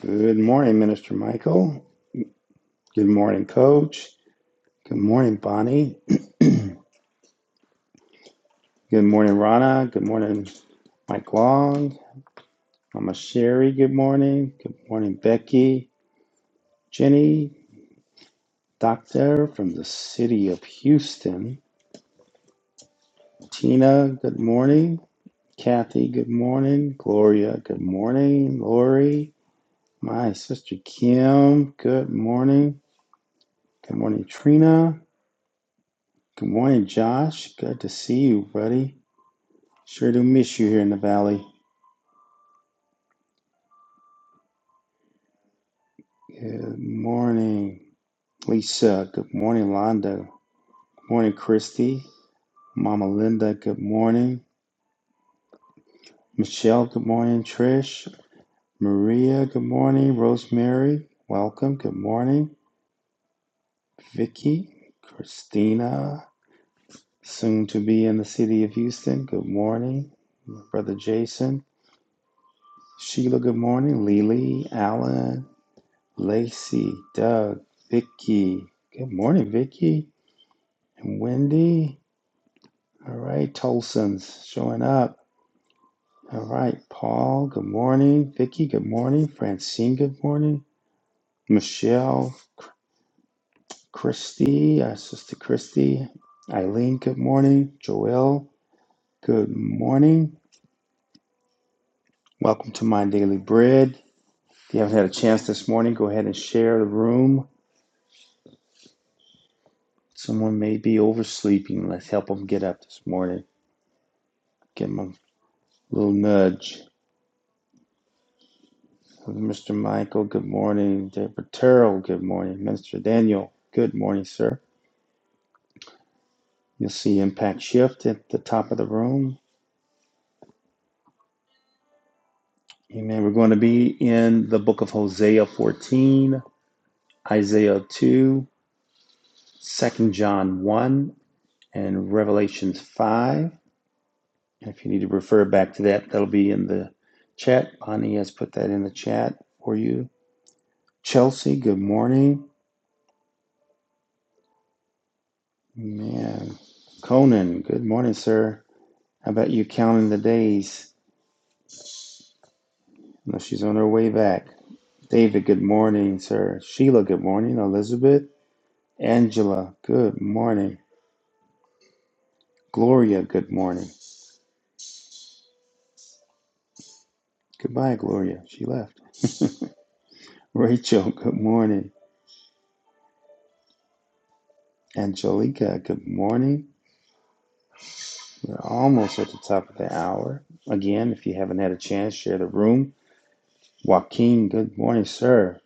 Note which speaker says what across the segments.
Speaker 1: Good morning, Minister Michael. Good morning, Coach. Good morning, Bonnie. Good morning, Rana. Good morning, Mike Long. Mama Sherry, good morning. Good morning, Becky. Jenny, Doctor from the city of Houston. Tina, good morning. Kathy, good morning. Gloria, good morning. Lori, my sister Kim, good morning. Good morning, Trina. Good morning, Josh. Good to see you, buddy. Sure do miss you here in the valley. Good morning, Lisa. Good morning, Londa. Good morning, Christy. Mama Linda, good morning. Michelle, good morning. Trish, Maria, good morning. Rosemary, welcome. Good morning. Vicky, Christina, soon to be in the city of Houston. Good morning. Brother Jason, Sheila, good morning. Lily, Alan, Lacey, Doug, Vicky. Good morning, Vicky. And Wendy, All right, Tolson's showing up. All right, Paul, good morning. Vicky, good morning. Francine, good morning. Michelle, Christy, uh, Sister Christy, Eileen, good morning. Joel, good morning. Welcome to My Daily Bread. If you haven't had a chance this morning, go ahead and share the room. Someone may be oversleeping. Let's help them get up this morning. Give them a little nudge. Mr. Michael, good morning. David Terrell, good morning. Mr. Daniel, good morning, sir. You'll see Impact Shift at the top of the room. Amen. We're going to be in the book of Hosea 14, Isaiah 2, Second John 1, and Revelations 5. And if you need to refer back to that, that'll be in the chat. Bonnie has put that in the chat for you. Chelsea, good morning. Man. Conan, good morning, sir. How about you counting the days? No, she's on her way back. David, good morning, sir. Sheila, good morning. Elizabeth, Angela, good morning. Gloria, good morning. Goodbye, Gloria. She left. Rachel, good morning. Angelica, good morning. We're almost at the top of the hour. Again, if you haven't had a chance, share the room. Joaquin, good morning, sir.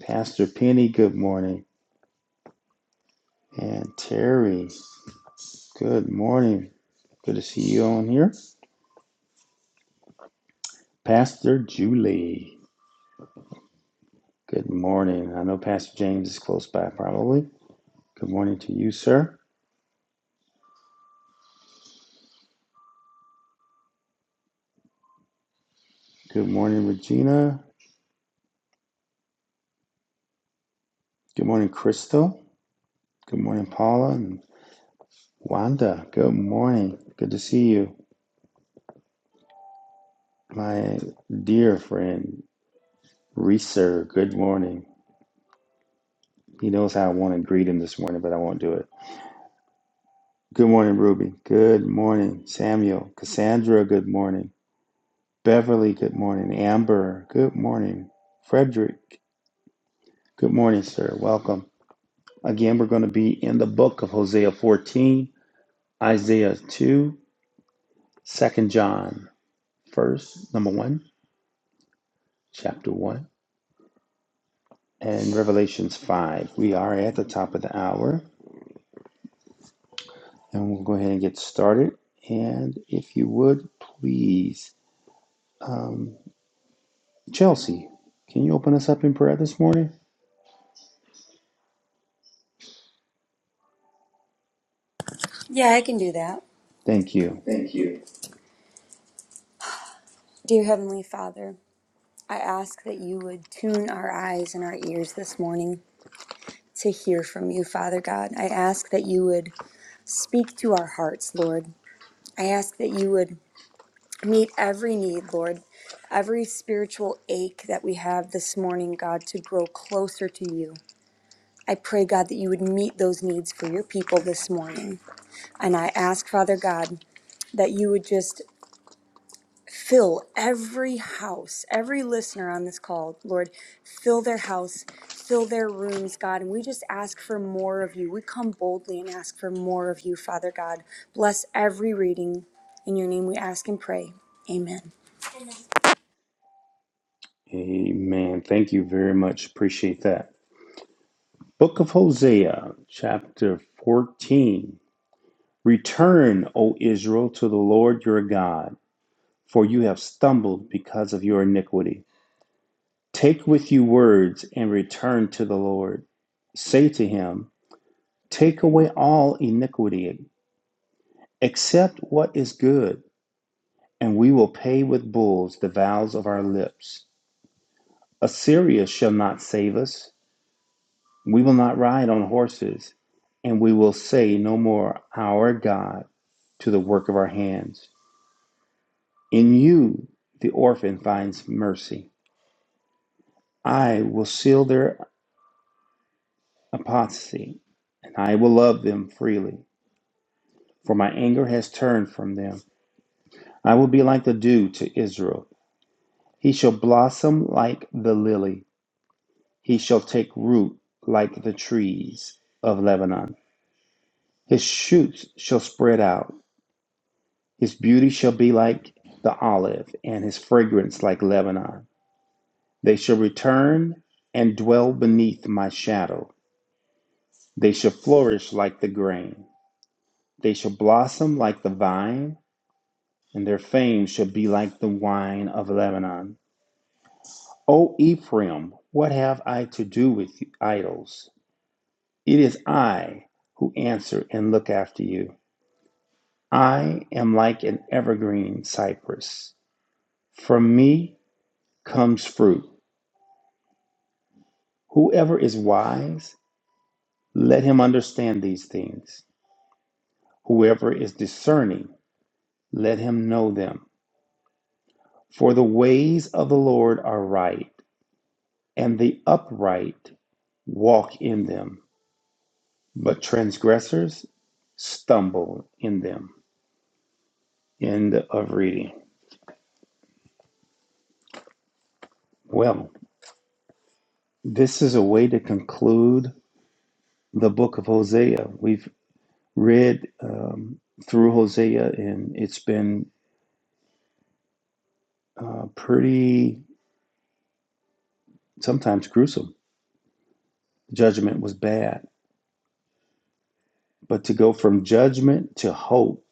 Speaker 1: Pastor Penny, good morning. And Terry, good morning. Good to see you on here. Pastor Julie, good morning. I know Pastor James is close by, probably. Good morning to you, sir. Good morning, Regina. Good morning, Crystal. Good morning, Paula and Wanda. Good morning. Good to see you. My dear friend, Reeser, good morning. He knows how I want to greet him this morning, but I won't do it. Good morning, Ruby. Good morning, Samuel. Cassandra, good morning. Beverly, good morning. Amber, good morning. Frederick, Good morning, sir. Welcome. Again, we're going to be in the book of Hosea 14, Isaiah 2, Second John 1st, number 1, chapter 1, and Revelations 5. We are at the top of the hour, and we'll go ahead and get started. And if you would, please, um, Chelsea, can you open us up in prayer this morning?
Speaker 2: Yeah, I can do that.
Speaker 1: Thank you.
Speaker 2: Thank you. Dear Heavenly Father, I ask that you would tune our eyes and our ears this morning to hear from you, Father God. I ask that you would speak to our hearts, Lord. I ask that you would meet every need, Lord, every spiritual ache that we have this morning, God, to grow closer to you. I pray, God, that you would meet those needs for your people this morning. And I ask, Father God, that you would just Fill every house, every listener on this call, Lord, fill their house, fill their rooms, God. And we just ask for more of you. We come boldly and ask for more of you, Father God. Bless every reading. In your name we ask and pray. Amen.
Speaker 1: Amen. Thank you very much. Appreciate that. Book of Hosea, chapter 14. Return, O Israel, to the Lord your God, for you have stumbled because of your iniquity. Take with you words and return to the Lord. Say to him, Take away all iniquity, accept what is good, and we will pay with bulls the vows of our lips. Assyria shall not save us. We will not ride on horses, and we will say no more, Our God, to the work of our hands. In you the orphan finds mercy. I will seal their apostasy, and I will love them freely, for my anger has turned from them. I will be like the dew to Israel. He shall blossom like the lily. He shall take root like the trees of Lebanon. His shoots shall spread out. His beauty shall be like the olive, and his fragrance like Lebanon. They shall return and dwell beneath my shadow. They shall flourish like the grain. They shall blossom like the vine, and their fame shall be like the wine of Lebanon. O Ephraim, what have I to do with you, idols? It is I who answer and look after you. I am like an evergreen cypress. From me comes fruit. Whoever is wise, let him understand these things. Whoever is discerning, let him know them. For the ways of the Lord are right, and the upright walk in them, but transgressors stumble in them. End of reading. Well, this is a way to conclude the book of Hosea. We've read um, through Hosea, and it's been uh, pretty, sometimes gruesome. Judgment was bad, but to go from judgment to hope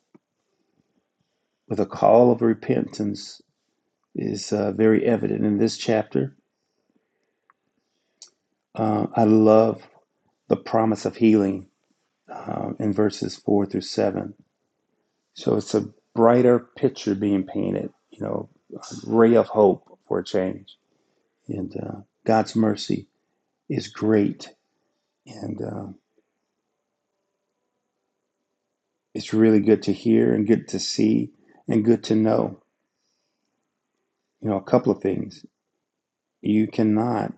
Speaker 1: with a call of repentance is uh, very evident in this chapter. Uh, I love the promise of healing uh, in verses four through seven. So it's a brighter picture being painted, you know, a ray of hope for a change. And uh, God's mercy is great. And uh, it's really good to hear and good to see and good to know, you know, a couple of things. You cannot,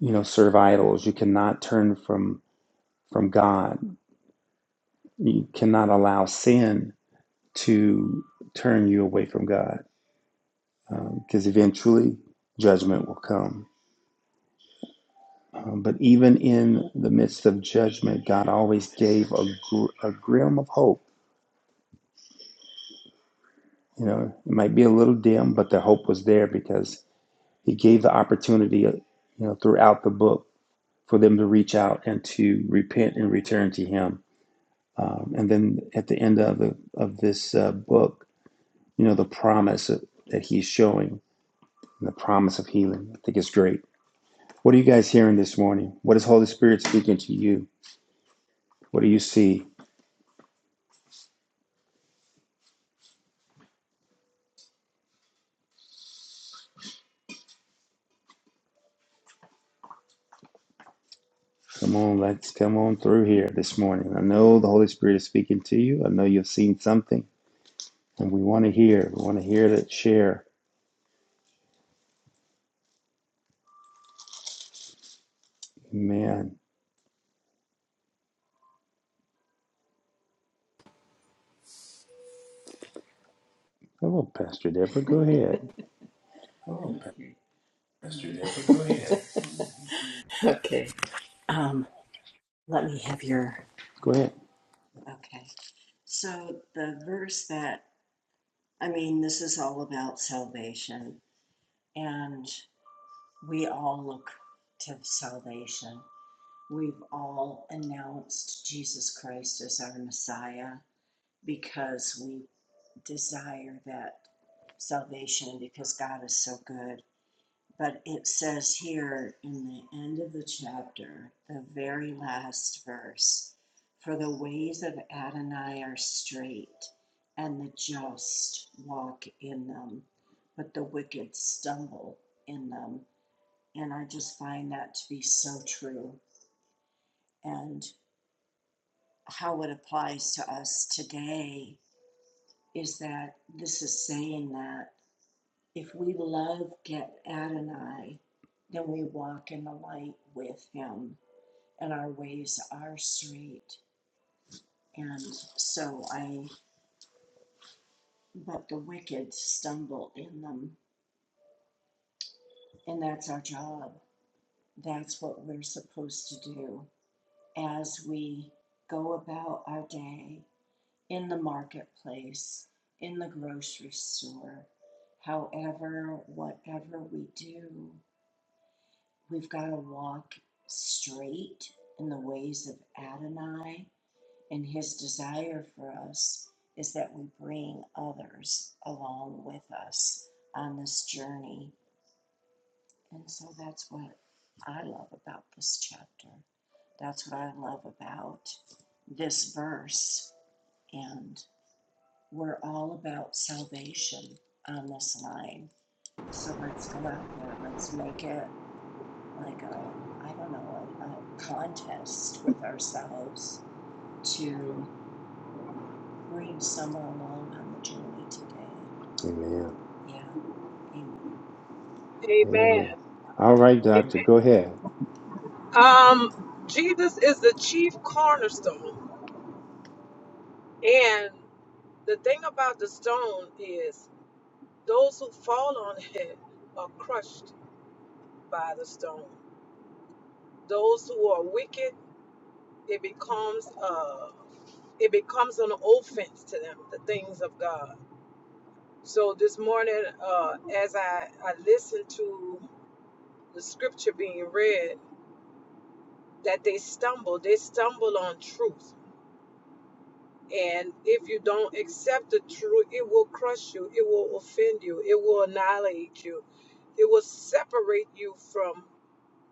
Speaker 1: you know, serve idols. You cannot turn from from God. You cannot allow sin to turn you away from God because um, eventually judgment will come. Um, but even in the midst of judgment, God always gave a, gr- a grim of hope. You know, it might be a little dim, but the hope was there because He gave the opportunity, uh, you know, throughout the book for them to reach out and to repent and return to Him. Um, and then at the end of the, of this uh, book, you know, the promise of, that He's showing, and the promise of healing, I think is great. What are you guys hearing this morning? What is Holy Spirit speaking to you? What do you see? Come on, let's come on through here this morning. I know the Holy Spirit is speaking to you. I know you've seen something, and we want to hear. We want to hear that share. Amen. Hello, Pastor Deborah. Go ahead.
Speaker 3: Oh, Pastor David. go ahead. Okay. Um,
Speaker 1: Go ahead. Amen.
Speaker 4: Amen.
Speaker 1: Amen. All right, Doctor.
Speaker 4: Amen.
Speaker 1: Go ahead.
Speaker 4: Um, Jesus is the chief cornerstone. And the thing about the stone is those who fall on it are crushed by the stone. Those who are wicked, it becomes uh it becomes an offense to them, the things of God. So this morning, uh, as I, I listened to the scripture being read, that they stumble, they stumble on truth And if you don't accept the truth, it will crush you, it will offend you, it will annihilate you, it will separate you from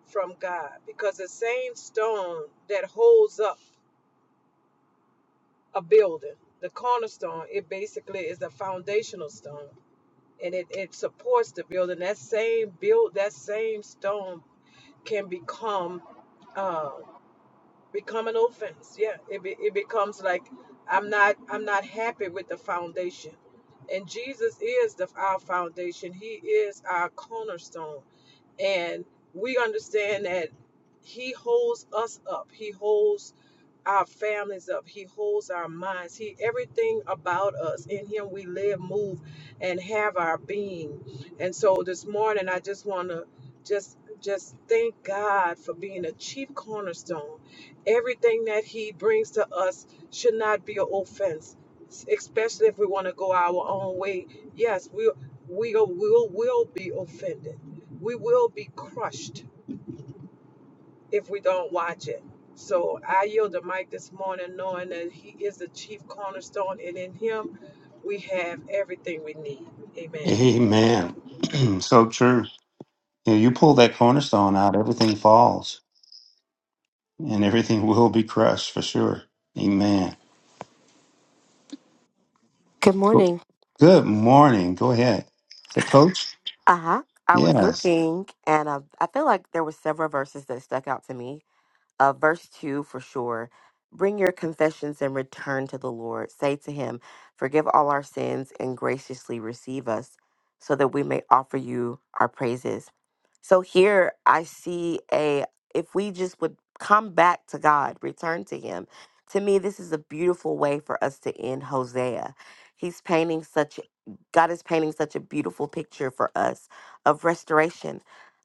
Speaker 4: from God. Because the same stone that holds up a building, the cornerstone, it basically is the foundational stone. And it, it supports the building. That same build that same stone can become uh, become an offense. Yeah, it be, it becomes like I'm not I'm not happy with the foundation, and Jesus is the our foundation. He is our cornerstone, and we understand that He holds us up. He holds our families up. He holds our minds. He everything about us. In him we live, move, and have our being. And so this morning I just wanna just just thank God for being a chief cornerstone. Everything that he brings to us should not be an offense, especially if we want to go our own way. Yes, we we will will be offended. We will be crushed if we don't watch it. So I yield the mic this morning, knowing that He is the chief cornerstone, and in Him we have everything we need. Amen.
Speaker 1: Amen. so true. You, know, you pull that cornerstone out, everything falls and everything will be crushed for sure. Amen.
Speaker 5: Good
Speaker 1: Go-
Speaker 5: morning.
Speaker 1: Good morning. Go ahead. The coach?
Speaker 5: Uh huh. I was
Speaker 1: Yes.
Speaker 5: looking, and uh, I feel like there were several verses that stuck out to me. Uh, verse 2 for sure. Bring your confessions and return to the Lord. Say to him, Forgive all our sins and graciously receive us, so that we may offer you our praises. So here I see a, if we just would come back to God, return to him. To me, this is a beautiful way for us to end Hosea. He's painting such, God is painting such a beautiful picture for us of restoration.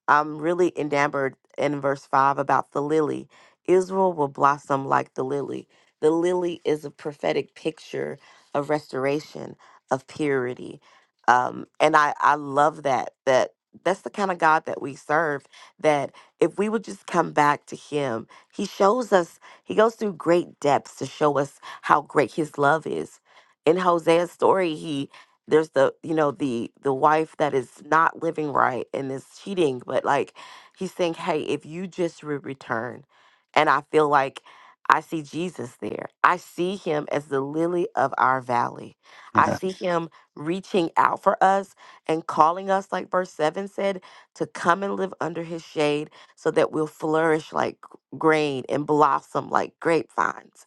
Speaker 5: I'm really enamored in verse 5 about the lily Israel will blossom like the lily. The lily is a prophetic picture of restoration, of purity. Um, and I, I love that, that that's the kind of God that we serve, that if we would just come back to him, he shows us, he goes through great depths to show us how great his love is. In Hosea's story, he there's the you know the the wife that is not living right and is cheating but like he's saying hey if you just would return and I feel like I see Jesus there. I see him as the lily of our valley. I see Mhm. him reaching out for us and calling us, like verse 7 said, to come and live under his shade so that we'll flourish like g- grain and blossom like grapevines.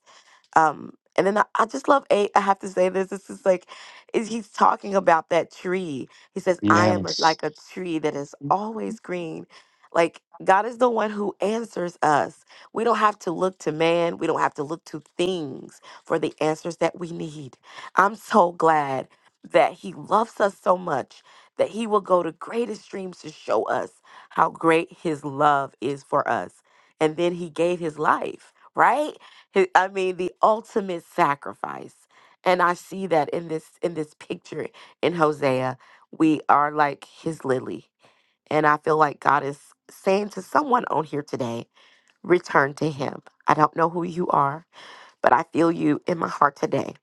Speaker 5: Um, and then I, I just love eight. I have to say this. This is like, is he's talking about that tree. He says, "I am
Speaker 1: Yes.
Speaker 5: Mhm.
Speaker 1: Yes.
Speaker 5: like a tree that is always green." Like God is the one who answers us. We don't have to look to man. We don't have to look to things for the answers that we need. I'm so glad that He loves us so much that He will go to greatest streams to show us how great His love is for us. And then He gave His life, right? Hi- I mean the ultimate sacrifice. And I see that in this in this picture in Hosea, we are like his lily. And I feel like God is saying to someone on here today, return to him. I don't know who you are, but I feel you in my heart today.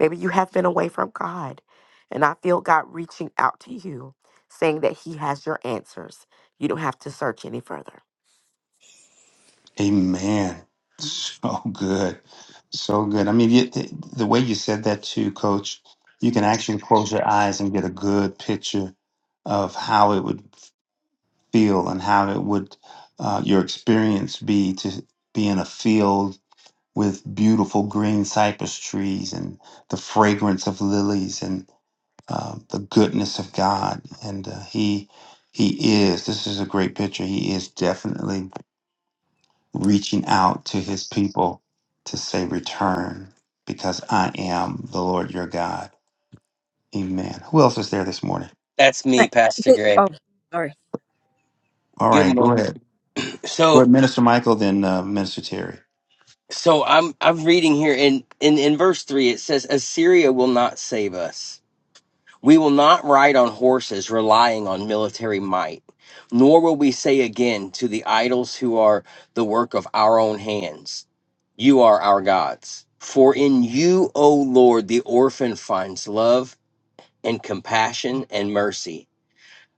Speaker 5: Maybe you have been away from God, and I feel God reaching out to you, saying that he has your answers. You don't have to search any further.
Speaker 1: Amen. So good. So good. I mean, you, the, the way you said that too, coach, you can actually close your eyes and get a good picture of how it would feel and how it would, uh, your experience be to be in a field with beautiful green cypress trees and the fragrance of lilies uh, the goodness of God, and uh, He He is. This is a great picture. He is definitely reaching out to His people to say, "Return, because I am the Lord your God." Amen. Who else is there this morning?
Speaker 6: That's me,
Speaker 7: I-
Speaker 6: Pastor
Speaker 7: Good.
Speaker 6: Greg.
Speaker 7: Oh, sorry.
Speaker 1: All
Speaker 6: Good
Speaker 1: right, go
Speaker 6: morning.
Speaker 1: ahead. Go
Speaker 6: So,
Speaker 1: ahead, Minister Michael, then uh, Minister Terry.
Speaker 6: so I'm I'm reading here in in in verse three. It says, "Assyria will not save us. We will not ride on horses, relying on military might. Nor will we say again to the idols who are the work of our own hands, 'You are our gods. For in you, O Lord, the orphan finds love and compassion and mercy."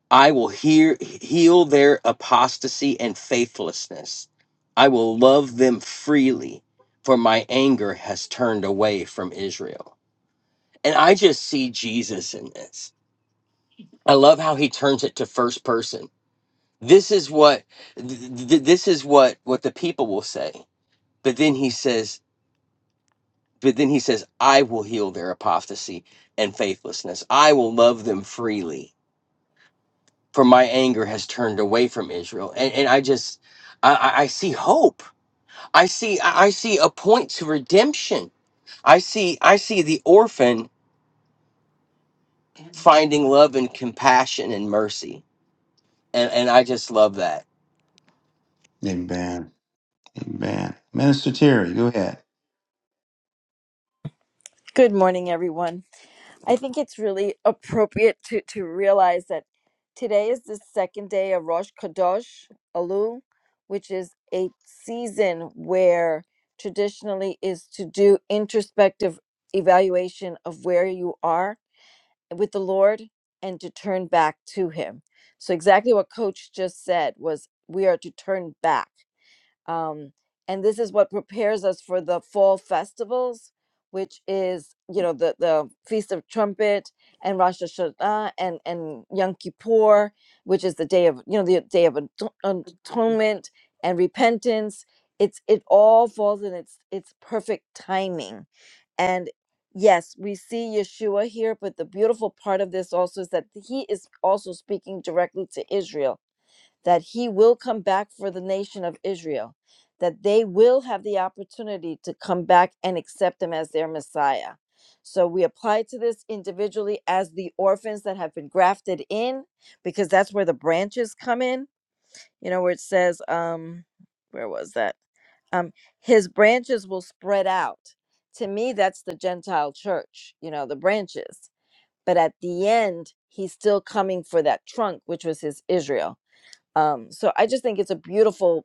Speaker 6: I will hear, heal their apostasy and faithlessness. I will love them freely, for my anger has turned away from Israel. And I just see Jesus in this. I love how he turns it to first person. This is what th- th- this is what what the people will say. But then he says, but then he says, I will heal their apostasy and faithlessness. I will love them freely for my anger has turned away from Israel. And and I just I, I I see hope. I see I I see a point to redemption. I see I see the orphan finding love and compassion and mercy. And and I just love that.
Speaker 1: Amen. Amen. Minister Terry, go ahead.
Speaker 7: Good morning, everyone. I think it's really appropriate to, to realize that today is the second day of Rosh Kadosh Elul, which is a season where traditionally is to do introspective evaluation of where you are with the Lord and to turn back to Him. So exactly what Coach just said was we are to turn back um, and this is what prepares us for the fall festivals which is you know the the feast of trumpet and rosh hashanah and and yom kippur which is the day of you know the day of ato- atonement and repentance it's it all falls in its its perfect timing and yes we see yeshua here but the beautiful part of this also is that he is also speaking directly to israel that he will come back for the nation of Israel, that they will have the opportunity to come back and accept him as their Messiah. So we apply to this individually as the orphans that have been grafted in, because that's where the branches come in. You know, where it says, um, where was that? Um, his branches will spread out. To me, that's the Gentile church, you know, the branches. But at the end, he's still coming for that trunk, which was his Israel um, so I just think it's a beautiful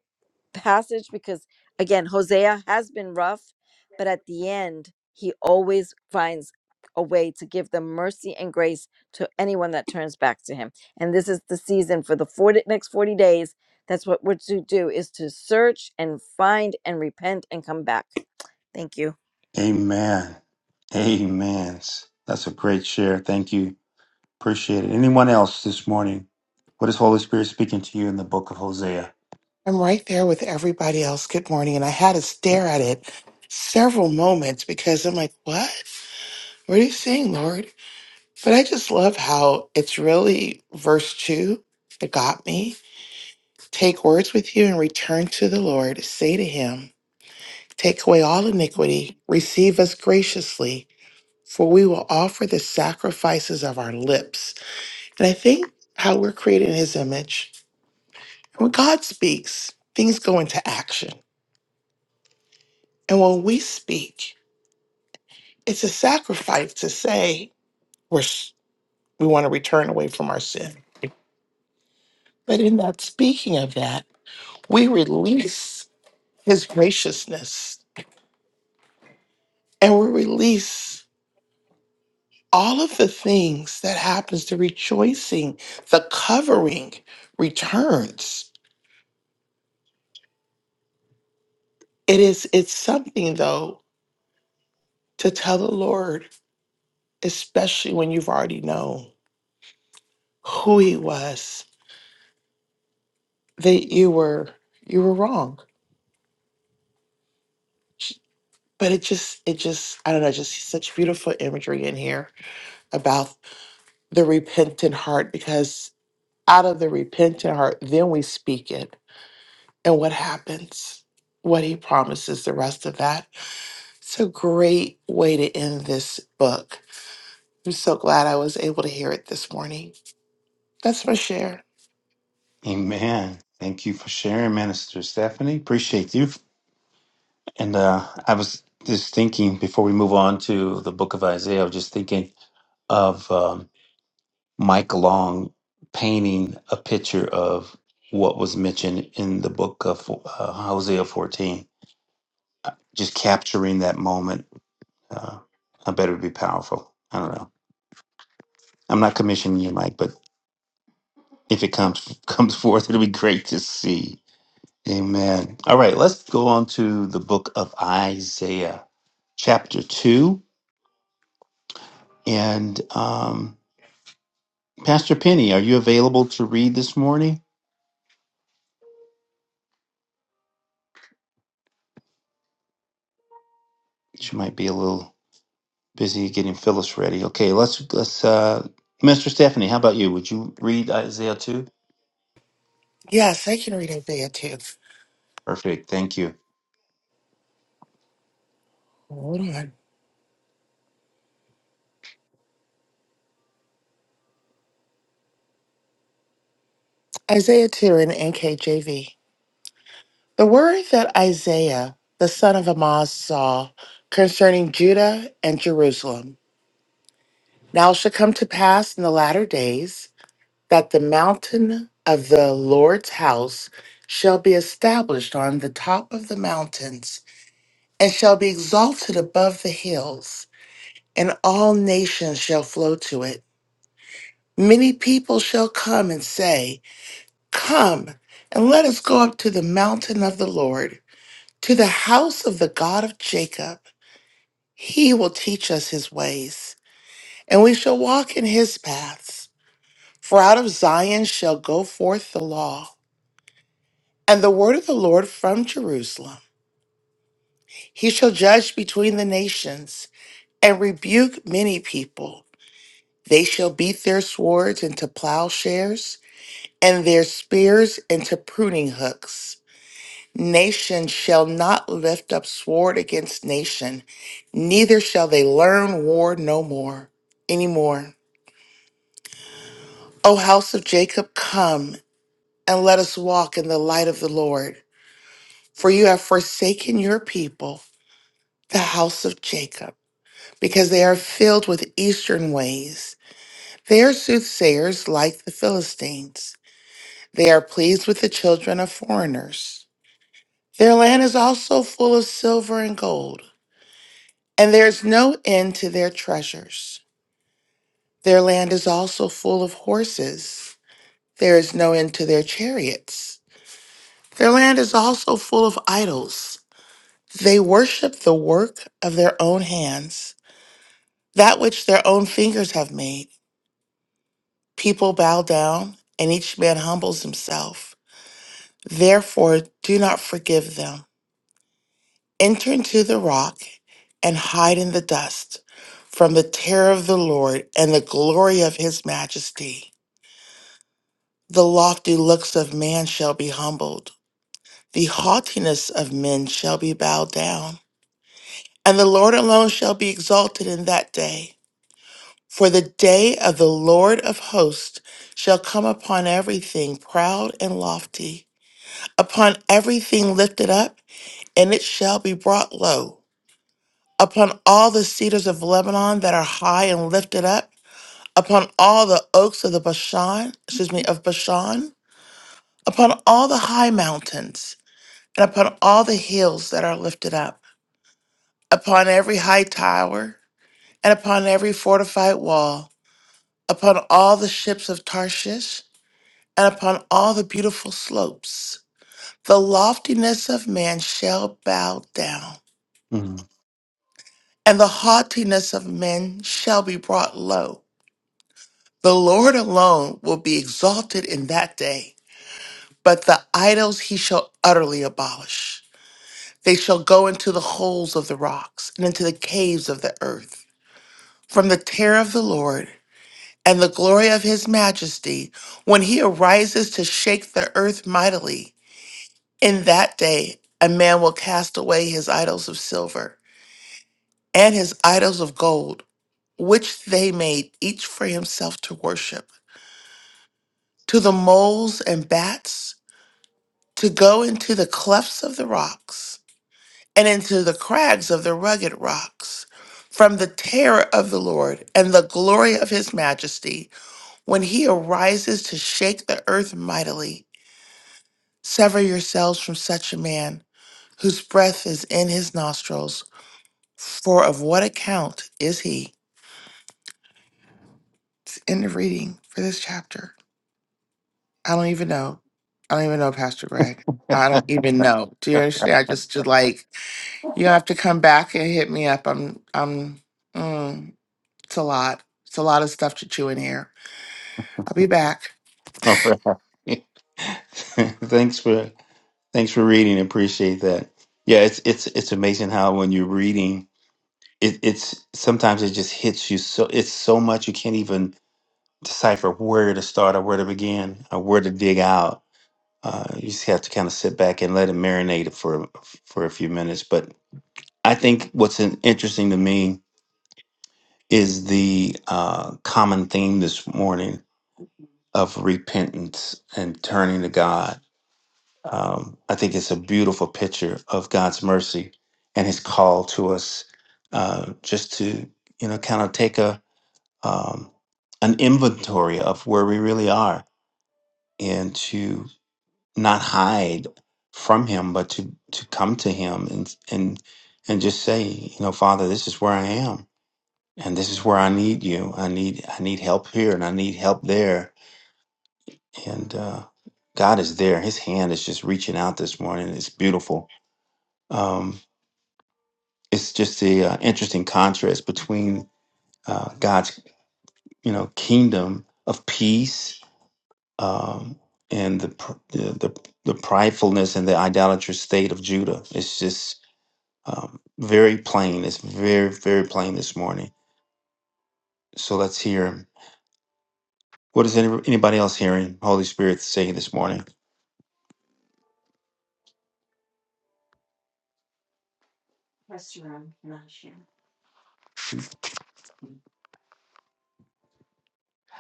Speaker 7: passage because, again, Hosea has been rough, but at the end, he always finds a way to give them mercy and grace to anyone that turns back to him. And this is the season for the 40, next 40 days. That's what we're to do is to search and find and repent and come back. Thank you.
Speaker 1: Amen. Amen. That's a great share. Thank you. Appreciate it. Anyone else this morning? What is Holy Spirit speaking to you in the book of Hosea?
Speaker 8: I'm right there with everybody else. Good morning. And I had to stare at it several moments because I'm like, what? What are you saying, Lord? But I just love how it's really verse two that got me. Take words with you and return to the Lord. Say to him, Take away all iniquity, receive us graciously, for we will offer the sacrifices of our lips. And I think how we're created in his image. When God speaks, things go into action. And when we speak, It's a sacrifice to say we're, s- we want to return away from our sin. But in that speaking of that, we release his graciousness and we release all of the things that happens the rejoicing, the covering returns. It is it's something though to tell the Lord, especially when you've already known who he was, that you were you were wrong. but it just it just i don't know just such beautiful imagery in here about the repentant heart because out of the repentant heart then we speak it and what happens what he promises the rest of that it's a great way to end this book i'm so glad i was able to hear it this morning that's my share
Speaker 1: Amen. Thank you for sharing, Minister Stephanie. Appreciate you. And uh, I was just thinking before we move on to the book of Isaiah, I was just thinking of um, Mike Long painting a picture of what was mentioned in the book of uh, Hosea 14, just capturing that moment Uh, I better be powerful. I don't know. I'm not commissioning you, Mike, but if it comes comes forth, it'll be great to see. Amen. All right, let's go on to the book of Isaiah, chapter two. And um, Pastor Penny, are you available to read this morning? She might be a little busy getting Phyllis ready. Okay, let's let's. Uh, Mr. Stephanie, how about you? Would you read Isaiah two?
Speaker 8: yes i can read isaiah 2
Speaker 1: Perfect. Thank you.
Speaker 8: hold on isaiah 2 in nkjv The word that Isaiah, the son of Amoz, saw concerning Judah and Jerusalem. Now it shall come to pass in the latter days that the mountain of the Lord's house shall be established on the top of the mountains, and shall be exalted above the hills, and all nations shall flow to it. Many people shall come and say, Come, and let us go up to the mountain of the Lord, to the house of the God of Jacob He will teach us his ways, and we shall walk in his paths. For out of Zion shall go forth the law, and the word of the Lord from Jerusalem. He shall judge between the nations, and rebuke many people. They shall beat their swords into plowshares, and their spears into pruning hooks. Nation shall not lift up sword against nation, neither shall they learn war no more anymore. O house of Jacob, come and let us walk in the light of the Lord. For you have forsaken your people, the house of Jacob, because they are filled with eastern ways. They are soothsayers like the Philistines. They are pleased with the children of foreigners. Their land is also full of silver and gold, and there is no end to their treasures. Their land is also full of horses. There is no end to their chariots. Their land is also full of idols. They worship the work of their own hands, that which their own fingers have made. People bow down, and each man humbles himself. Therefore, do not forgive them. Enter into the rock and hide in the dust from the terror of the Lord and the glory of his majesty. The lofty looks of man shall be humbled, the haughtiness of men shall be bowed down. And the Lord alone shall be exalted in that day. For the day of the Lord of hosts shall come upon everything proud and lofty, upon everything lifted up, and it shall be brought low, upon all the cedars of Lebanon that are high and lifted up, upon all the oaks of the Bashan, excuse me, of Bashan, upon all the high mountains, and upon all the hills that are lifted up, upon every high tower, and upon every fortified wall upon all the ships of Tarshish, and upon all the beautiful slopes. The loftiness of man shall bow down,
Speaker 1: Mhm.
Speaker 8: and the haughtiness of men shall be brought low. The Lord alone will be exalted in that day, but the idols he shall utterly abolish. They shall go into the holes of the rocks and into the caves of the earth. From the terror of the Lord and the glory of his majesty, when he arises to shake the earth mightily, In that day, a man will cast away his idols of silver and his idols of gold, which they made each for himself to worship, to the moles and bats, to go into the clefts of the rocks and into the crags of the rugged rocks, from the terror of the Lord and the glory of his majesty, when he arises to shake the earth mightily. Sever yourselves from such a man, whose breath is in his nostrils For of what account is he? It's in the reading for this chapter. I don't even know. I don't even know, Pastor Greg. I don't even know. Do you understand? I just, just like you have to come back and hit me up. I'm I'm mm, it's a lot. It's a lot of stuff to chew in here. I'll be back.
Speaker 1: All right. Thanks for Thanks for reading. Appreciate that. Yeah, it's it's it's amazing how when you're reading, it, it's sometimes it just hits you so it's so much you can't even decipher where to start or where to begin or where to dig out. Uh, you just have to kind of sit back and let it marinate for for a few minutes. But I think what's in- interesting to me is the uh, common theme this morning of repentance and turning to God um, I think it's a beautiful picture of God's mercy and His call to us, uh, just to you know, kind of take a um, an inventory of where we really are, and to not hide from Him, but to to come to Him and and and just say, you know, Father, this is where I am, and this is where I need you. I need I need help here, and I need help there, and uh, God is there. His hand is just reaching out this morning. It's beautiful. Um, it's just a uh, interesting contrast between uh, God's you know kingdom of peace um, and the, pr- the the the pridefulness and the idolatrous state of Judah. It's just um, very plain. It's very very plain this morning. So let's hear what is any, anybody else hearing Holy Spirit say this morning.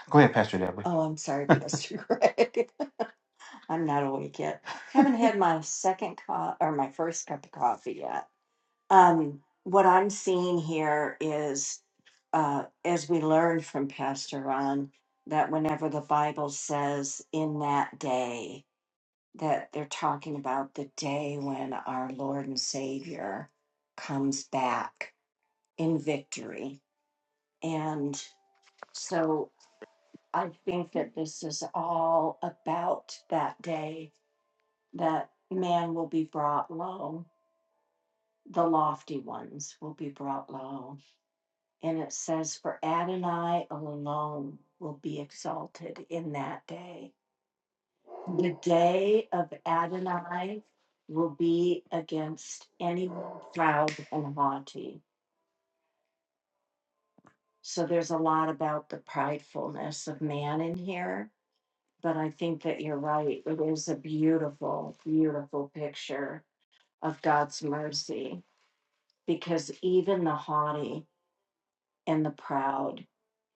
Speaker 1: Go ahead, Pastor Deborah.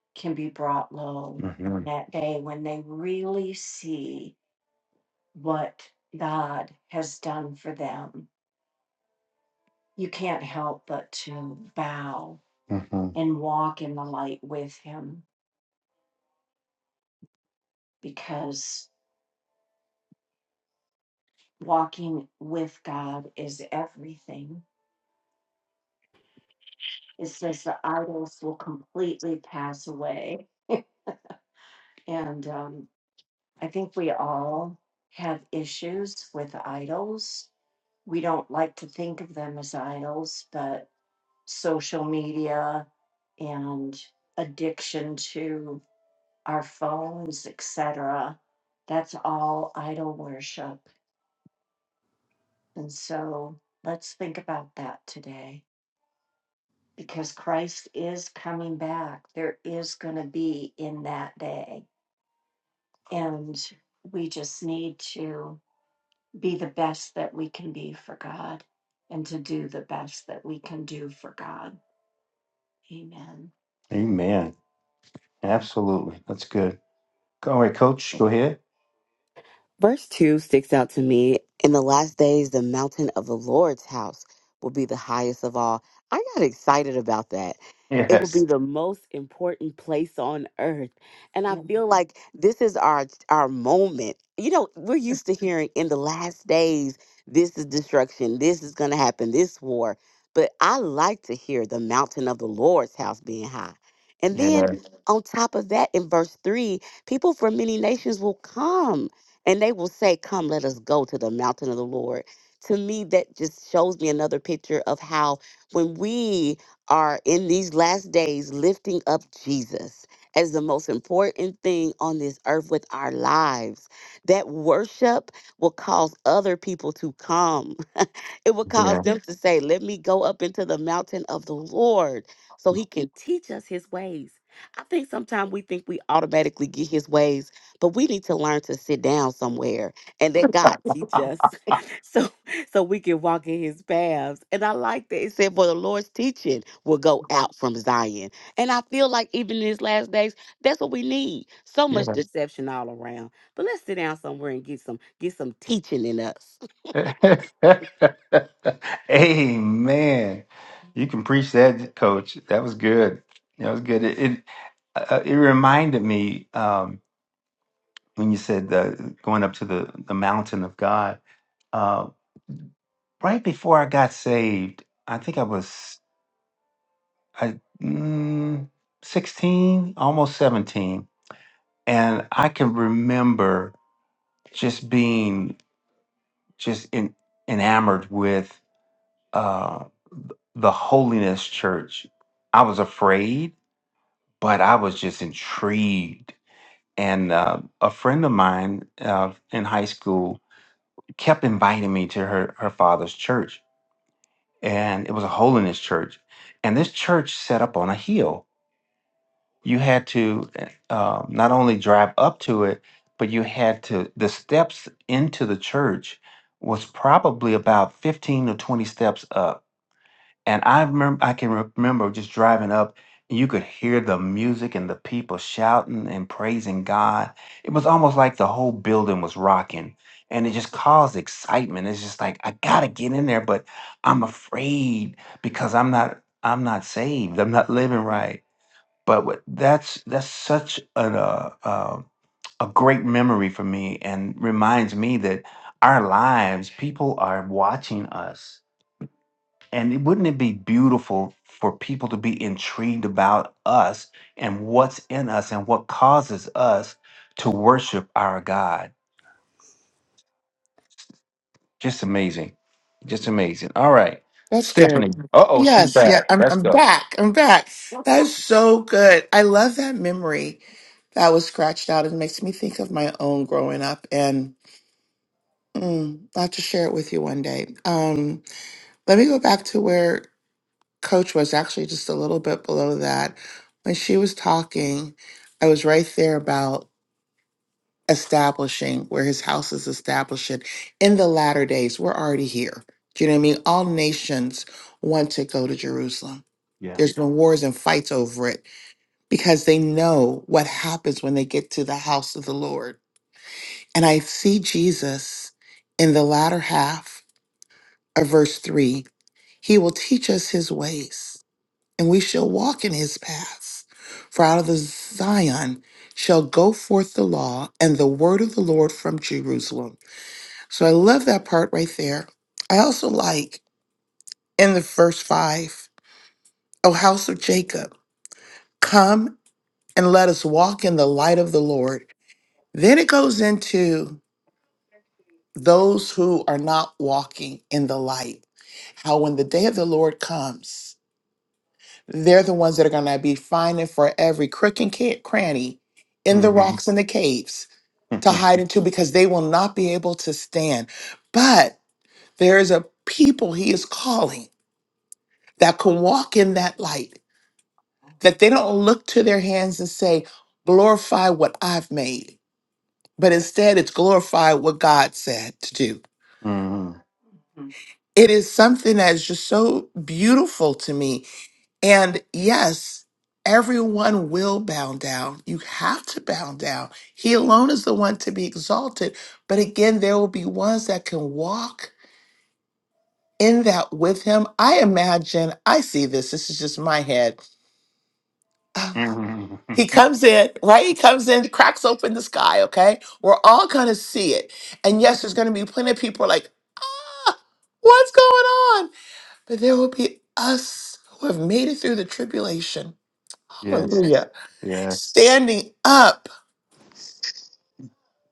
Speaker 1: hmm hmm Amen. Absolutely. That's good. All right, coach, go ahead.
Speaker 5: Verse 2 sticks out to me. In the last days, the mountain of the Lord's house will be the highest of all. I got excited about that. It will
Speaker 1: Yes.
Speaker 5: be the most important place on earth. And I feel like this is our our moment. You know, we're used to hearing in the last days, this is destruction, this is gonna happen, this war. But I like to hear the mountain of the Lord's house being high. And then
Speaker 1: Yeah.
Speaker 5: Mhm. on top of that, in verse three, people from many nations will come and they will say, Come, let us go to the mountain of the Lord. To me, that just shows me another picture of how when we are in these last days lifting up Jesus as the most important thing on this earth with our lives, that worship will cause other people to come. it will cause
Speaker 1: Yeah.
Speaker 5: them to say, Let me go up into the mountain of the Lord so he can teach us his ways. I think sometimes we think we automatically get his ways but we need to learn to sit down somewhere and let God teach us so so we can walk in his paths. And I like that. It said, For the Lord's teaching will go out from Zion. And I feel like even in these last days, that's what we need. So much
Speaker 1: Yeah.
Speaker 5: deception all around. But let's sit down somewhere and get some get some teaching in us. Mm-hmm.
Speaker 1: Amen. You can preach that, coach. That was good. That was good. It it, uh, it reminded me um, when you said the, going up to the, the mountain of God. Uh, right before I got saved, I think I was I, mm, 16, almost 17. And I can remember just being just in, enamored with uh, the holiness church. I was afraid, but I was just intrigued. And uh, a friend of mine uh, in high school kept inviting me to her, her father's church, and it was a holiness church. And this church set up on a hill you had to uh, not only drive up to it, but you had to, the steps into the church was probably about 15 or 20 steps up. And I remember, I can remember just driving up, and you could hear the music and the people shouting and praising God. It was almost like the whole building was rocking, and it just caused excitement. It's just like I gotta get in there, but I'm afraid because I'm not, I'm not saved. I'm not living right but what, that's that's such an, uh, uh, a great memory for me and reminds me that our lives people are watching us and it- wouldn't it be beautiful for people to be intrigued about us and what's in us and what causes us to worship our god just amazing just amazing all right
Speaker 8: That's good.
Speaker 1: stephanie uh-oh she's
Speaker 8: Yes, yeah,
Speaker 1: back
Speaker 8: I'm
Speaker 1: let's
Speaker 8: I'm
Speaker 1: go
Speaker 8: back. I'm back. That's so good. I love that memory that was scratched out. It makes me think of my own growing up and. Mm, I'll have to share it with you one day. Um, let me go back to where Coach was actually just a little bit below that. When she was talking, I was right there about establishing where his house is established in the latter days. We're already here. Do you know what I mean? All nations want to go to Jerusalem.
Speaker 1: Yeah.
Speaker 8: There's been wars and fights over it because they know what happens when they get to the house of the Lord. And I see Jesus in the latter half of verse 3 He will teach us his ways, and we shall walk in his paths. For out of the Zion shall go forth the law and the word of the Lord from Jerusalem. So I love that part right there. I also like in the verse 5, O house of Jacob, come and let us walk in the light of the Lord. Then it goes into those who are not walking in the light, how when the day of the Lord comes, They're the ones that are going to be finding for every crook and ca- cranny in the
Speaker 1: hmm
Speaker 8: rocks and the caves to
Speaker 1: hmm
Speaker 8: hide into because they will not be able to stand. But there is a people he is calling that can walk in that light, that they don't look to their hands and say, glorify what I've made, but instead it's glorify what God said to do. It is something that is just so beautiful to me And yes, everyone will bow down. You have to bow down. He alone is the one to be exalted. But again, there will be ones that can walk in that with him. I imagine, I see this, this is just my head.
Speaker 1: hmm
Speaker 8: He comes in, right? He comes in, cracks open the sky, okay? We're all gonna see it. And yes, there's gonna be plenty of people like, ah, what's going on? But there will be us who have made it through the tribulation.
Speaker 1: Yes.
Speaker 8: Hallelujah
Speaker 1: Yes.
Speaker 8: standing up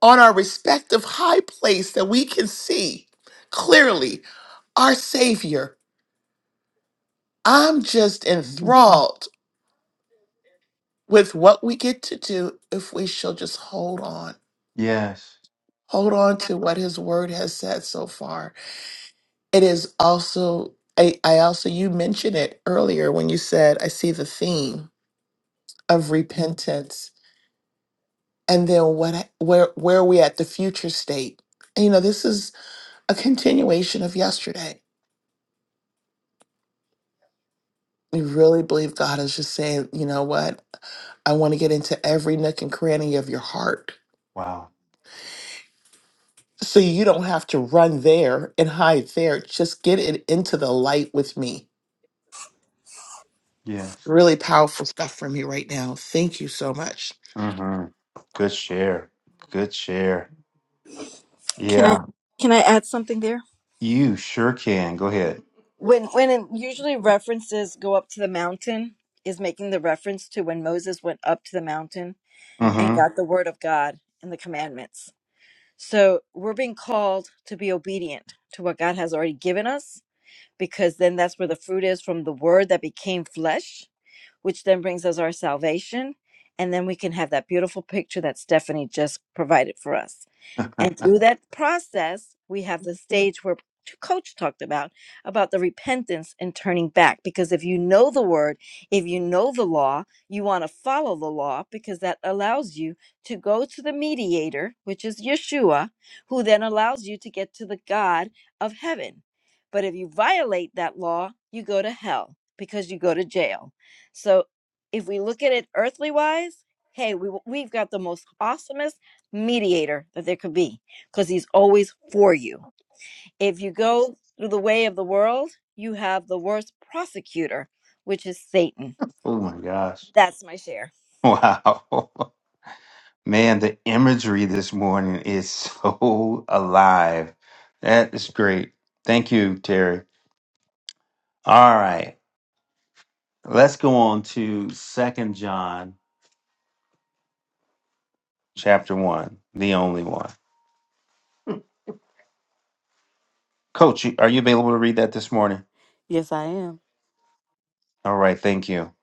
Speaker 8: on our respective high place that we can see clearly our Savior. I'm just
Speaker 1: Mhm.
Speaker 8: enthralled with what we get to do if we shall just hold on,
Speaker 1: Yes.
Speaker 8: hold on to what His Word has said so far. It is also, I, I also, you mentioned it earlier when you said, I see the theme of repentance. And then what? I- Where where are we at the future state? And, you know, this is a continuation of yesterday I really believe God is just saying, you know what? I want to get into every nook and cranny of your heart.
Speaker 1: Wow.
Speaker 8: So you don't have to run there and hide there. Just get it into the light with me.
Speaker 1: Yes.
Speaker 8: Really powerful stuff from you right now. Thank you so much.
Speaker 1: hmm Good share. Good share.
Speaker 7: Can I
Speaker 1: Yeah.
Speaker 7: can I add something there?
Speaker 1: You sure can. Go ahead.
Speaker 7: When when it usually references go up to the mountain is making the reference to when Moses went up to the mountain and
Speaker 1: hmm
Speaker 7: got the word of God and the commandments. So we're being called to be obedient to what God has already given us, because then that's where the fruit is from the word that became flesh, which then brings us our salvation. And then we can have that beautiful picture that Stephanie just provided for us. And through that process, we have the stage where t- coach talked about about the repentance and turning back because if you know the word if you know the law you want to follow the law because that allows you to go to the mediator which is Yeshua who then allows you to get to the God of heaven but if you violate that law you go to hell because you go to jail so if we look at it earthly wise hey we, we've got the most awesomest mediator that there could be because he's always for you. If you go through the way of the world, you have the worst prosecutor, which is Satan.
Speaker 1: Oh my gosh.
Speaker 7: That's my share.
Speaker 1: Wow. Man, the imagery this morning is so alive. That is great. Thank you, Terry. All right. Let's go on to Second John chapter 1, the only one. Coach, you- are you available to read that this morning?
Speaker 5: Yes, I am.
Speaker 1: All right, thank you.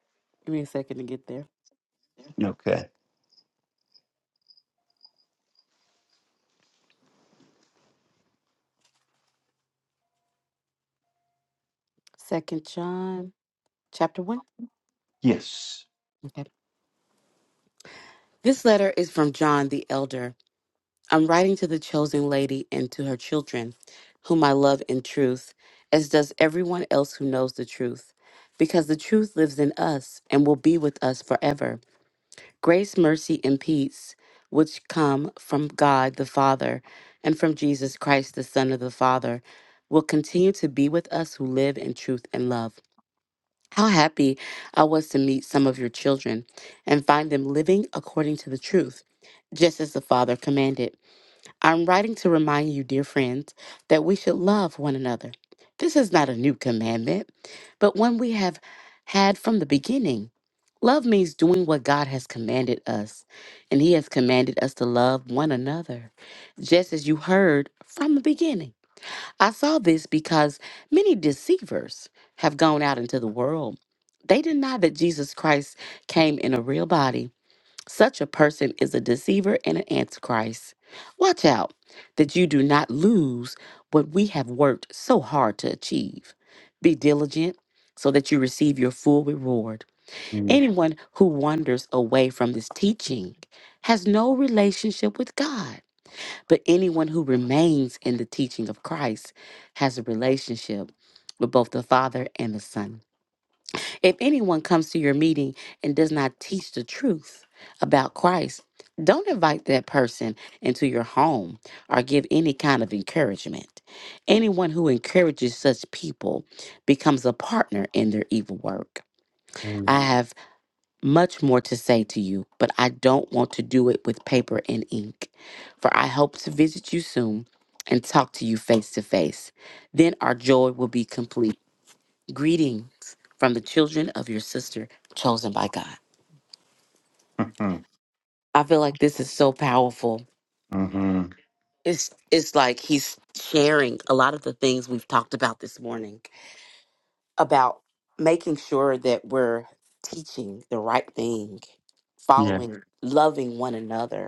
Speaker 5: Give me a second to get there.
Speaker 1: Okay.
Speaker 5: Second John, chapter one.
Speaker 1: Yes.
Speaker 5: Okay. This letter is from John the elder. I'm writing to the chosen lady and to her children, whom I love in truth, as does everyone else who knows the truth, because the truth lives in us and will be with us forever. Grace, mercy, and peace, which come from God the Father and from Jesus Christ, the Son of the Father, will continue to be with us who live in truth and love. How happy I was to meet some of your children and find them living according to the truth, just as the Father commanded. I'm writing to remind you, dear friends, that we should love one another. This is not a new commandment, but one we have had from the beginning. Love means doing what God has commanded us, and He has commanded us to love one another, just as you heard from the beginning. I saw this because many deceivers have gone out into the world. They deny that Jesus Christ came in a real body such a person is a deceiver and an antichrist. Watch out that you do not lose what we have worked so hard to achieve. Be diligent so that you receive your full reward.
Speaker 1: Mm-hmm.
Speaker 5: Anyone who wanders away from this teaching has no relationship with God, but anyone who remains in the teaching of Christ has a relationship with both the Father and the Son. If anyone comes to your meeting and does not teach the truth about Christ, don't invite that person into your home or give any kind of encouragement. Anyone who encourages such people becomes a partner in their evil work. I have much more to say to you, but I don't want to do it with paper and ink. For I hope to visit you soon and talk to you face to face. Then our joy will be complete. Greetings from the children of your sister chosen by God. I feel like this is so powerful.
Speaker 1: hmm
Speaker 5: It's it's like he's sharing a lot of the things we've talked about this morning about making sure that we're teaching the right thing,
Speaker 1: Yeah.
Speaker 5: following, loving one another.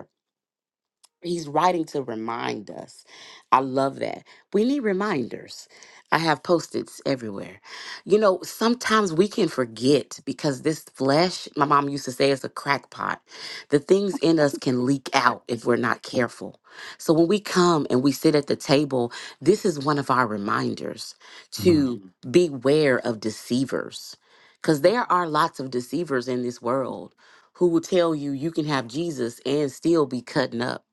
Speaker 5: He's writing to remind us. I love that. We need reminders. I have post its everywhere. You know, sometimes we can forget because this flesh, my mom used to say, is a crackpot. The things in us can leak out if we're not careful. So when we come and we sit at the table, this is one of our reminders to Mhm. beware of deceivers because there are lots of deceivers in this world who will tell you you can have Jesus and still be cutting up.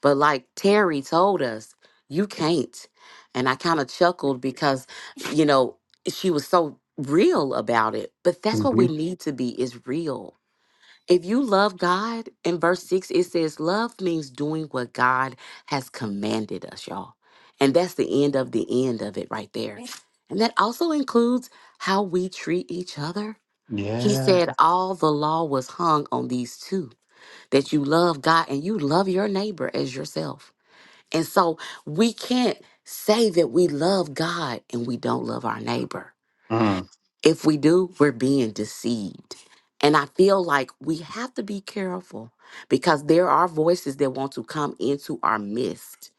Speaker 5: But like Terry told us, you can't. And I kind of chuckled because, you know, she was so real about it. But that's what
Speaker 1: Mm-hmm.
Speaker 5: we need to be is real. If you love God, in verse 6, it says, love means doing what God has commanded us, y'all. And that's the end of the end of it right there. And that also includes how we treat each other. He
Speaker 1: Yeah.
Speaker 5: said, all the law was hung on these two that you love God and you love your neighbor as yourself. And so we can't say that we love God and we don't love our neighbor.
Speaker 1: Mm.
Speaker 5: If we do, we're being deceived. And I feel like we have to be careful because there are voices that want to come into our midst.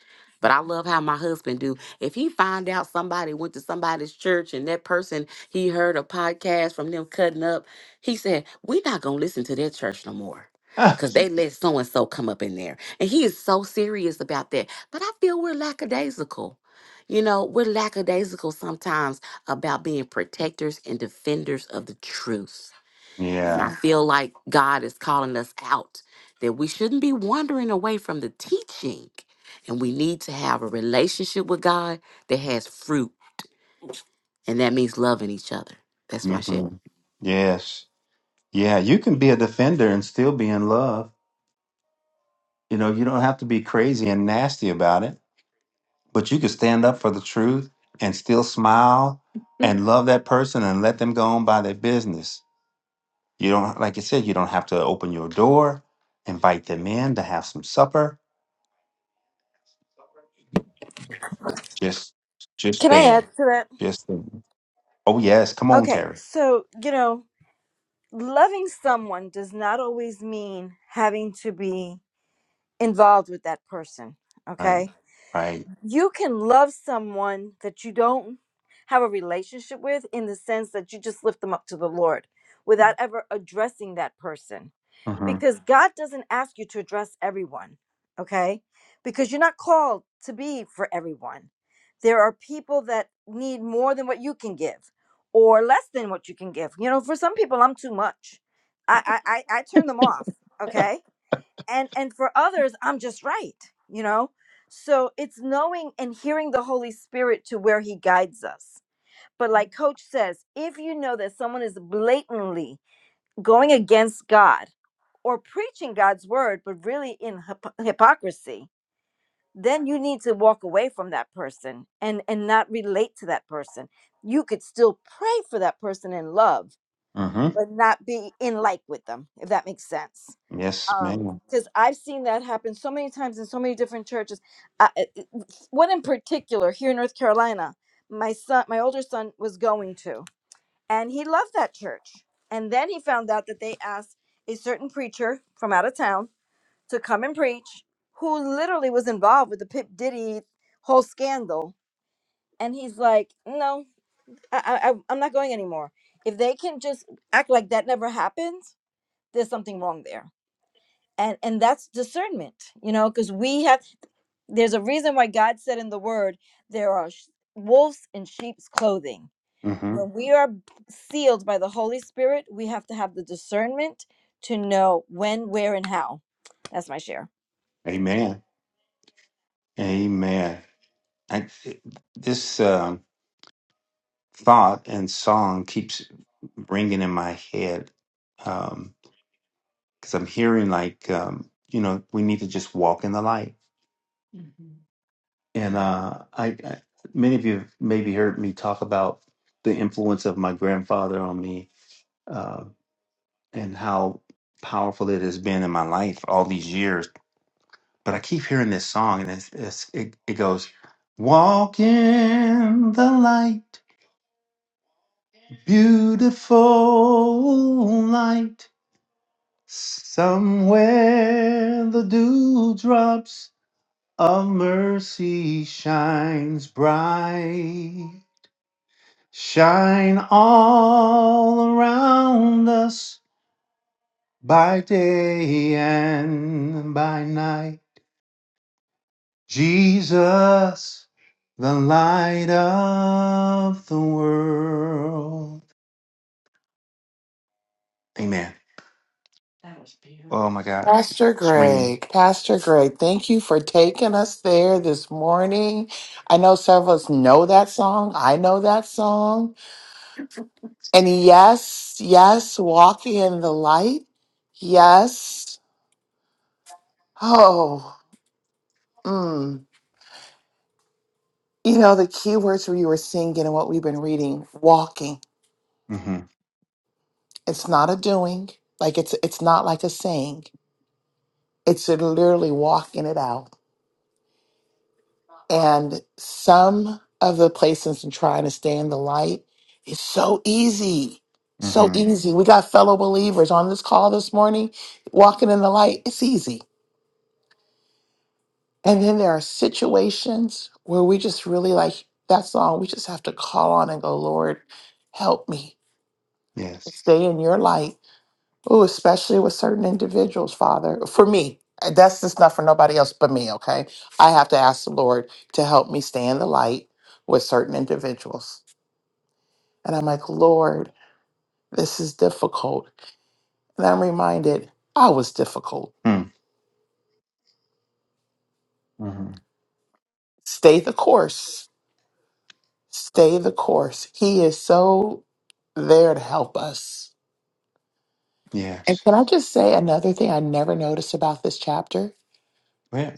Speaker 5: But I love how my husband do. If he find out somebody went to somebody's church and that person he heard a podcast from them cutting up, he said, "We're not gonna listen to that church no more."
Speaker 1: Ah,
Speaker 5: Cause they let so and so come up in there, and he is so serious about that. But I feel we're lackadaisical. You know, we're lackadaisical sometimes about being protectors and defenders of the truth. And I
Speaker 1: yeah.
Speaker 5: feel like God is calling us out that we shouldn't be wandering away from the teaching. And we need to have a relationship with God that has fruit. And that means loving each other. That's my
Speaker 1: hmm
Speaker 5: share.
Speaker 1: Yes. Yeah, you can be a defender and still be in love. You know, you don't have to be crazy and nasty about it, but you can stand up for the truth and still smile and love that person and let them go on by their business You don't, like I said, you don't have to open your door, invite them in to have some supper. Just, just
Speaker 7: Can I add
Speaker 1: stand.
Speaker 7: to that?
Speaker 1: Just, stand. oh yes, come on,
Speaker 7: Okay,
Speaker 1: Terry.
Speaker 7: so, you know, loving someone does not always mean having to be involved with that person,
Speaker 1: Right,
Speaker 7: okay?
Speaker 1: right.
Speaker 7: You can love someone that you don't have a relationship with in the sense that you just lift them up to the Lord without ever addressing that person.
Speaker 1: Mm-hmm.
Speaker 7: because God doesn't ask you to address everyone, okay? Because you're not called to be for everyone. There are people that need more than what you can give or less than what you can give. You know, for some people I'm too much. I I I, I turn them off, okay? And and for others I'm just right, you know? So it's knowing and hearing the Holy Spirit to where he guides us. But like coach says, if you know that someone is blatantly going against God or preaching God's word, but really in hypo- hypocrisy, then you need to walk away from that person and, and not relate to that person. You could still pray for that person in love,
Speaker 1: Mm-hmm.
Speaker 7: but not be in like with them, if that makes sense.
Speaker 1: Yes,
Speaker 7: Um,
Speaker 1: ma'am.
Speaker 7: Because I've seen that happen so many times in so many different churches. I, one in particular here in North Carolina, my son, my older son was going to and he loved that church. And then he found out that they asked a certain preacher from out of town to come and preach, who literally was involved with the Pip Diddy whole scandal. And he's like, "No, I, I, I- am not going anymore. If they can just act like that never happened, there's something wrong there." And and that's discernment, you know, because we have. There's a reason why God said in the Word there are sh- wolves in sheep's clothing
Speaker 1: Mm-hmm.
Speaker 7: when we are sealed by the Holy Spirit, we have to have the discernment to know when, where, and how. That's my share.
Speaker 1: Amen. Amen. I, this um, thought and song keeps ringing in my head because I'm hearing like, um, you know, we need to just walk in the light and uh, I, I many of you have maybe heard me talk about the influence of my grandfather on me uh, and how powerful it has been in my life all these years. But I keep hearing this song, and it's, it's, it, it goes, "Walk in the light, beautiful light. Somewhere the dewdrops of mercy shines bright." Shine all around us by day and by night. Jesus, the light of the world. Amen. That was beautiful. Oh my God.
Speaker 8: Pastor
Speaker 1: It's ringing.
Speaker 8: Greg, Pastor Greg, thank you for taking us there this morning. I know several of us know that song. I know that song. And yes, yes, walking in the light. Yes. Oh, mm. you know, the key words we were singing and what we've been reading walking.
Speaker 1: Mm-hmm.
Speaker 8: It's not a doing, like it's it's not like a saying. It's literally walking it out. And some of the places in trying to stay in the light is so easy. So
Speaker 1: Mm-hmm.
Speaker 8: easy. We got fellow believers on this call this morning walking in the light. It's easy. And then there are situations where we just really like that song, we just have to call on and go, Lord, help me
Speaker 1: Yes.
Speaker 8: stay in your light. Oh, especially with certain individuals, Father. For me, uh, that's just not for nobody else but me, okay? I have to ask the Lord to help me stay in the light with certain individuals. And I'm like, Lord, this is difficult. And I'm reminded I was difficult.
Speaker 1: Mm. Mm-hmm.
Speaker 8: Stay the course. Stay the course. He is so there to help us. And
Speaker 1: Yes.
Speaker 8: can I just say another thing I never noticed about this chapter?
Speaker 1: Yeah.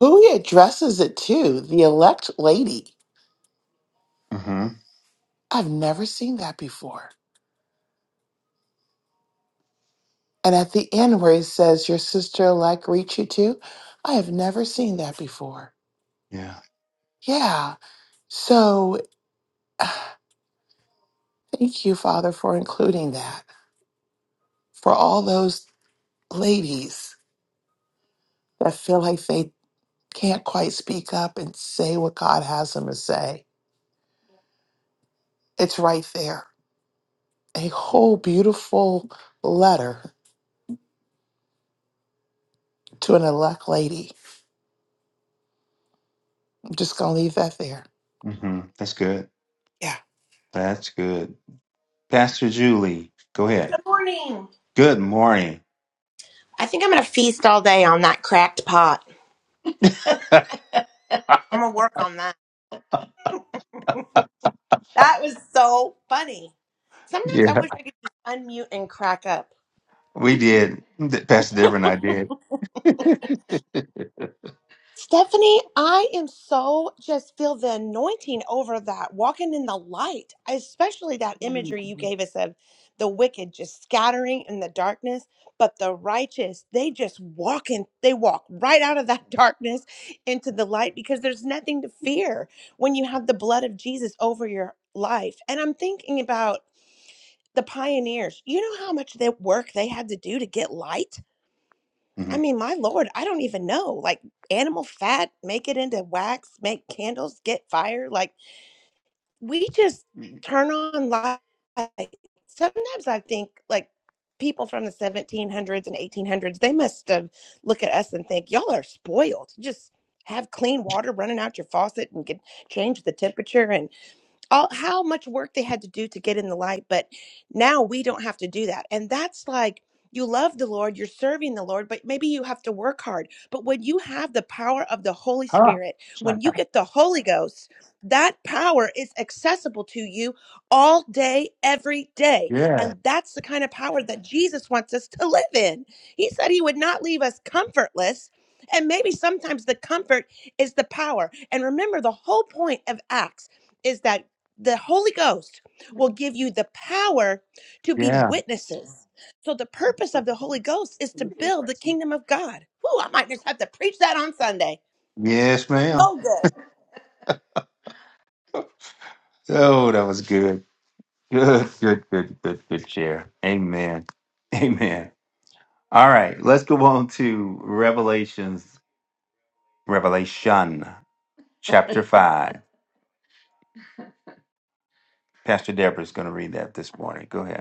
Speaker 8: Who he addresses it to, the elect lady.
Speaker 1: Mm-hmm.
Speaker 8: I've never seen that before. And at the end where he says, Your sister elect reach you too," I have never seen that before.
Speaker 1: Yeah.
Speaker 8: Yeah. So thank you, Father, for including that. For all those ladies that feel like they can't quite speak up and say what God has them to say. It's right there. A whole beautiful letter to an elect lady. I'm just going to leave that there.
Speaker 1: Mm-hmm. That's good.
Speaker 8: Yeah.
Speaker 1: That's good. Pastor Julie, go ahead.
Speaker 9: Good morning.
Speaker 1: Good morning.
Speaker 9: I think I'm going to feast all day on that cracked pot. I'm going to work on that. That was so funny. Sometimes
Speaker 1: Yeah.
Speaker 9: I wish I could just unmute and crack up.
Speaker 1: We did. Th- Pastor Deborah and I did.
Speaker 9: Stephanie, I am so just feel the anointing over that walking in the light, especially that imagery you gave us of the wicked just scattering in the darkness, but the righteous, they just walk in, they walk right out of that darkness into the light because there's nothing to fear when you have the blood of Jesus over your life. And I'm thinking about the pioneers. You know how much they work they had to do to get light? I
Speaker 1: Mhm.
Speaker 9: mean, my Lord, I don't even know. Like animal fat, make it into wax, make candles, get fire. Like we just turn on lights. Sometimes I think like people from the 1700s and 1800s, they must have look at us and think, y'all are spoiled. Just have clean water running out your faucet and can change the temperature. and all how much work they had to do to get in the light but now we don't have to do that and that's like you love the lord you're serving the lord but maybe you have to work hard but when you have the power of the holy
Speaker 1: Huh.
Speaker 9: spirit when you get the holy ghost that power is accessible to you all day every day
Speaker 1: Yeah.
Speaker 9: and that's the kind of power that jesus wants us to live in he said he would not leave us comfortless and maybe sometimes the comfort is the power and remember the whole point of acts is that the Holy Ghost will give you the power to be
Speaker 1: Yeah.
Speaker 9: witnesses. So the purpose of the Holy Ghost is to build the kingdom of God. Whoo, I might just have to preach that on Sunday.
Speaker 1: Yes, ma'am.
Speaker 9: So good.
Speaker 1: Oh, that was good. Good, good, good, good, good share. Amen. Amen. All right, let's go on to Revelations, Revelation chapter 5. Pastor Deborah's going to read that this morning. Go ahead.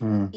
Speaker 1: Mm.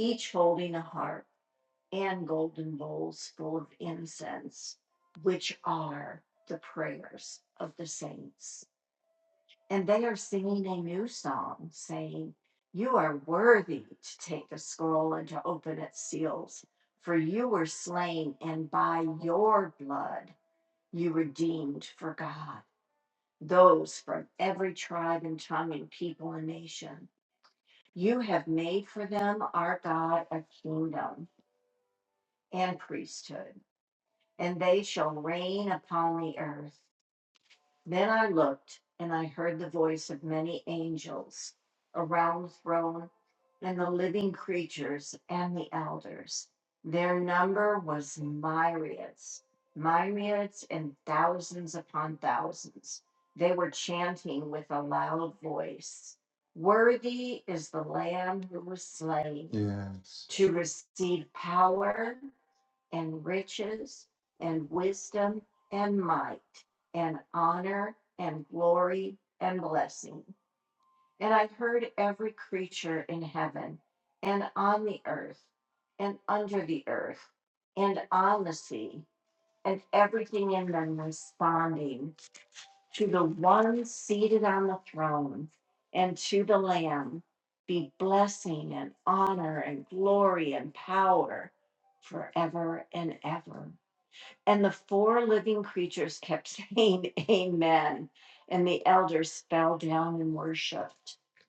Speaker 1: Yes.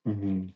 Speaker 1: hmm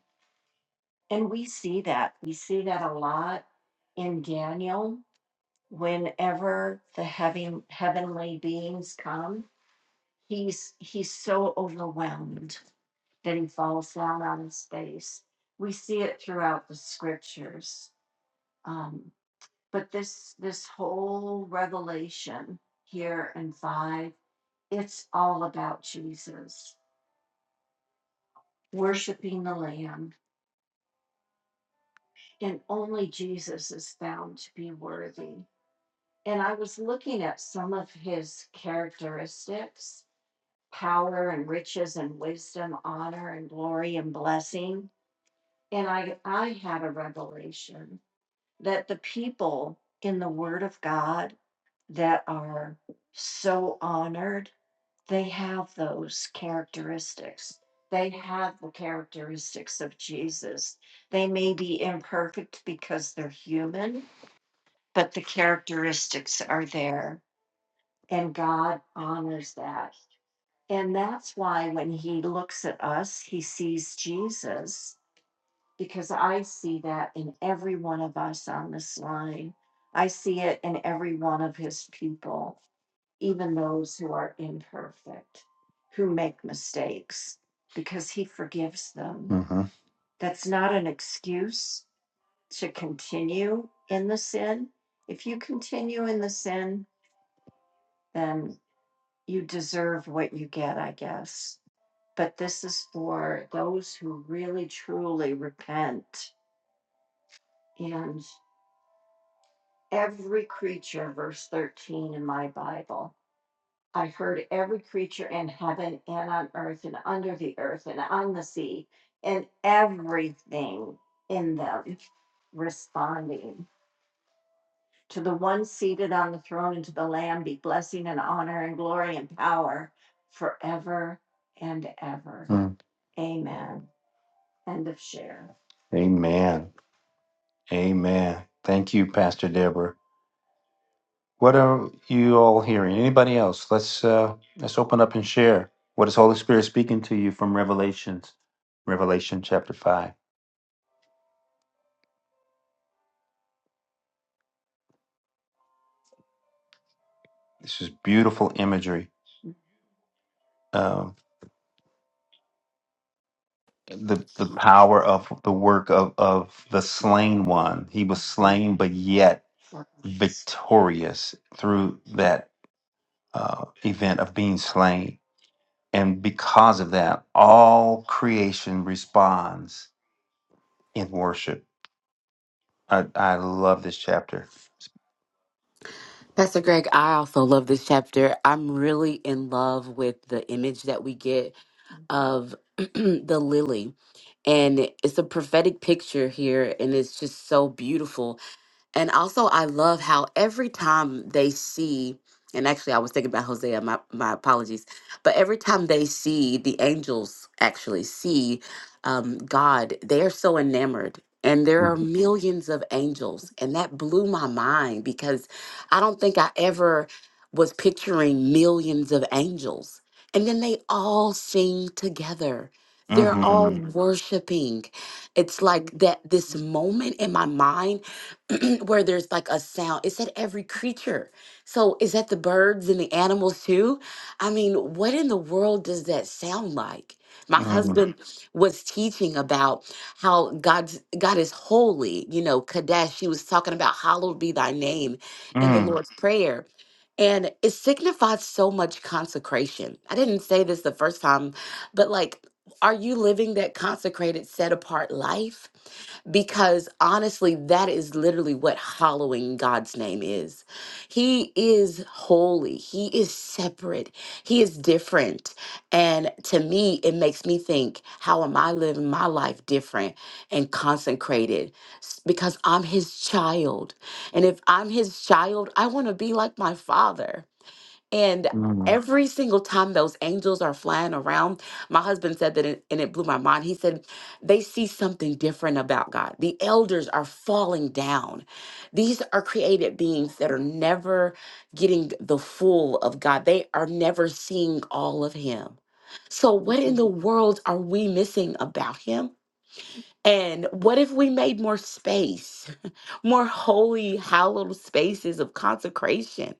Speaker 1: hmm Mm. Amen. Amen. Thank you, Pastor Deborah. What are you all hearing? Anybody else? Let's uh, let's open up and share. What is Holy Spirit speaking to you from Revelations? Revelation chapter five. This is beautiful imagery. Um, the the power of the work of of the slain one. He was slain, but yet victorious through that uh, event of being slain, and because of that, all creation responds in worship. I, I love this chapter.
Speaker 5: Pastor Greg, I also love this chapter. I'm really in love with the image that we get of the lily. And it's a prophetic picture here, and it's just so beautiful And also, I love how every time they see, and actually, I was thinking about Hosea, my, my apologies, but every time they see the angels actually see um, God, they're so enamored. And there are
Speaker 1: Mhm,
Speaker 5: millions of angels. And that blew my mind because I don't think I ever was picturing millions of angels. And then they all sing together. They're all
Speaker 1: mhm,
Speaker 5: Mhm. worshiping. It's like that this moment in my mind where there's like a sound. It said every creature. So is that the birds and the animals too? I mean, what in the world does that sound like? My
Speaker 1: mhm,
Speaker 5: husband was teaching about how God's God is holy, you know, Kadesh. He was talking about hallowed be thy name in the
Speaker 1: mhm,
Speaker 5: Lord's Prayer. And it signifies so much consecration. I didn't say this the first time, but like, are you living that consecrated, set apart life? because honestly, that is literally what hallowing God's name is. He is holy, He is separate, He is different. And to me, it makes me think, how am I living my life different and consecrated? S- Because I'm His child. And if I'm His child, I want to be like my Father. And
Speaker 1: mhm,
Speaker 5: every single time those angels are flying around, my husband said that, it, and it blew my mind. He said, they see something different about God. The elders are falling down. These are created beings that are never getting the full of God, they are never seeing all of Him. So, what in the world are we missing about Him? And what if we made more space? more holy, hallowed spaces of consecration,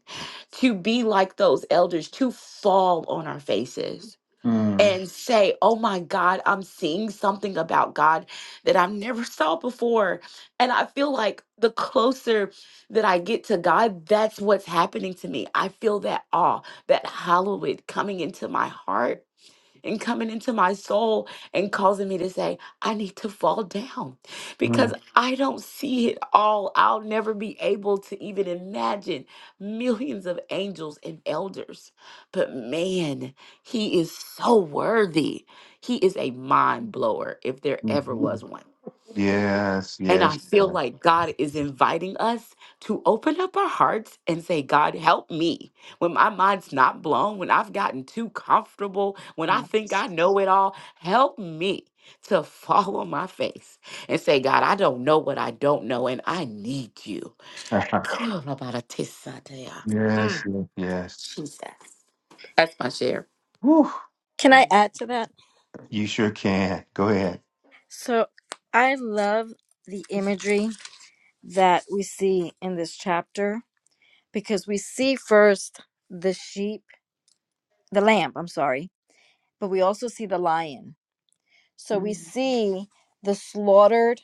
Speaker 5: to be like those elders, to fall on our faces
Speaker 1: mhm,
Speaker 5: and say, Oh my God, I'm seeing something about God that I've never saw before. And I feel like the closer that I get to God, that's what's happening to me. I feel that awe, that hallowed coming into my heart and coming into my soul and causing me to say, I need to fall down because
Speaker 1: mhm,
Speaker 5: I don't see it all. I'll never be able to even imagine millions of angels and elders. But man, he is so worthy. He is a mind blower if there ever was
Speaker 1: mhm.
Speaker 5: one.
Speaker 1: Yes,
Speaker 5: And I
Speaker 1: yes,
Speaker 5: feel
Speaker 1: Lord.
Speaker 5: like God is inviting us to open up our hearts and say, God, help me. When my mind's not blown, when I've gotten too comfortable, when I think I know it all, help me to fall on my face and say, God, I don't know what I don't know, and I need you.
Speaker 1: yes,
Speaker 5: Mm,
Speaker 1: yes, yes.
Speaker 5: Jesus. That's my share.
Speaker 7: Can I add to that?
Speaker 1: You sure can. Go ahead.
Speaker 7: So I love the imagery that we see in this chapter because we see first the sheep, the lamb, I'm sorry, but we also see the lion. So we see the slaughtered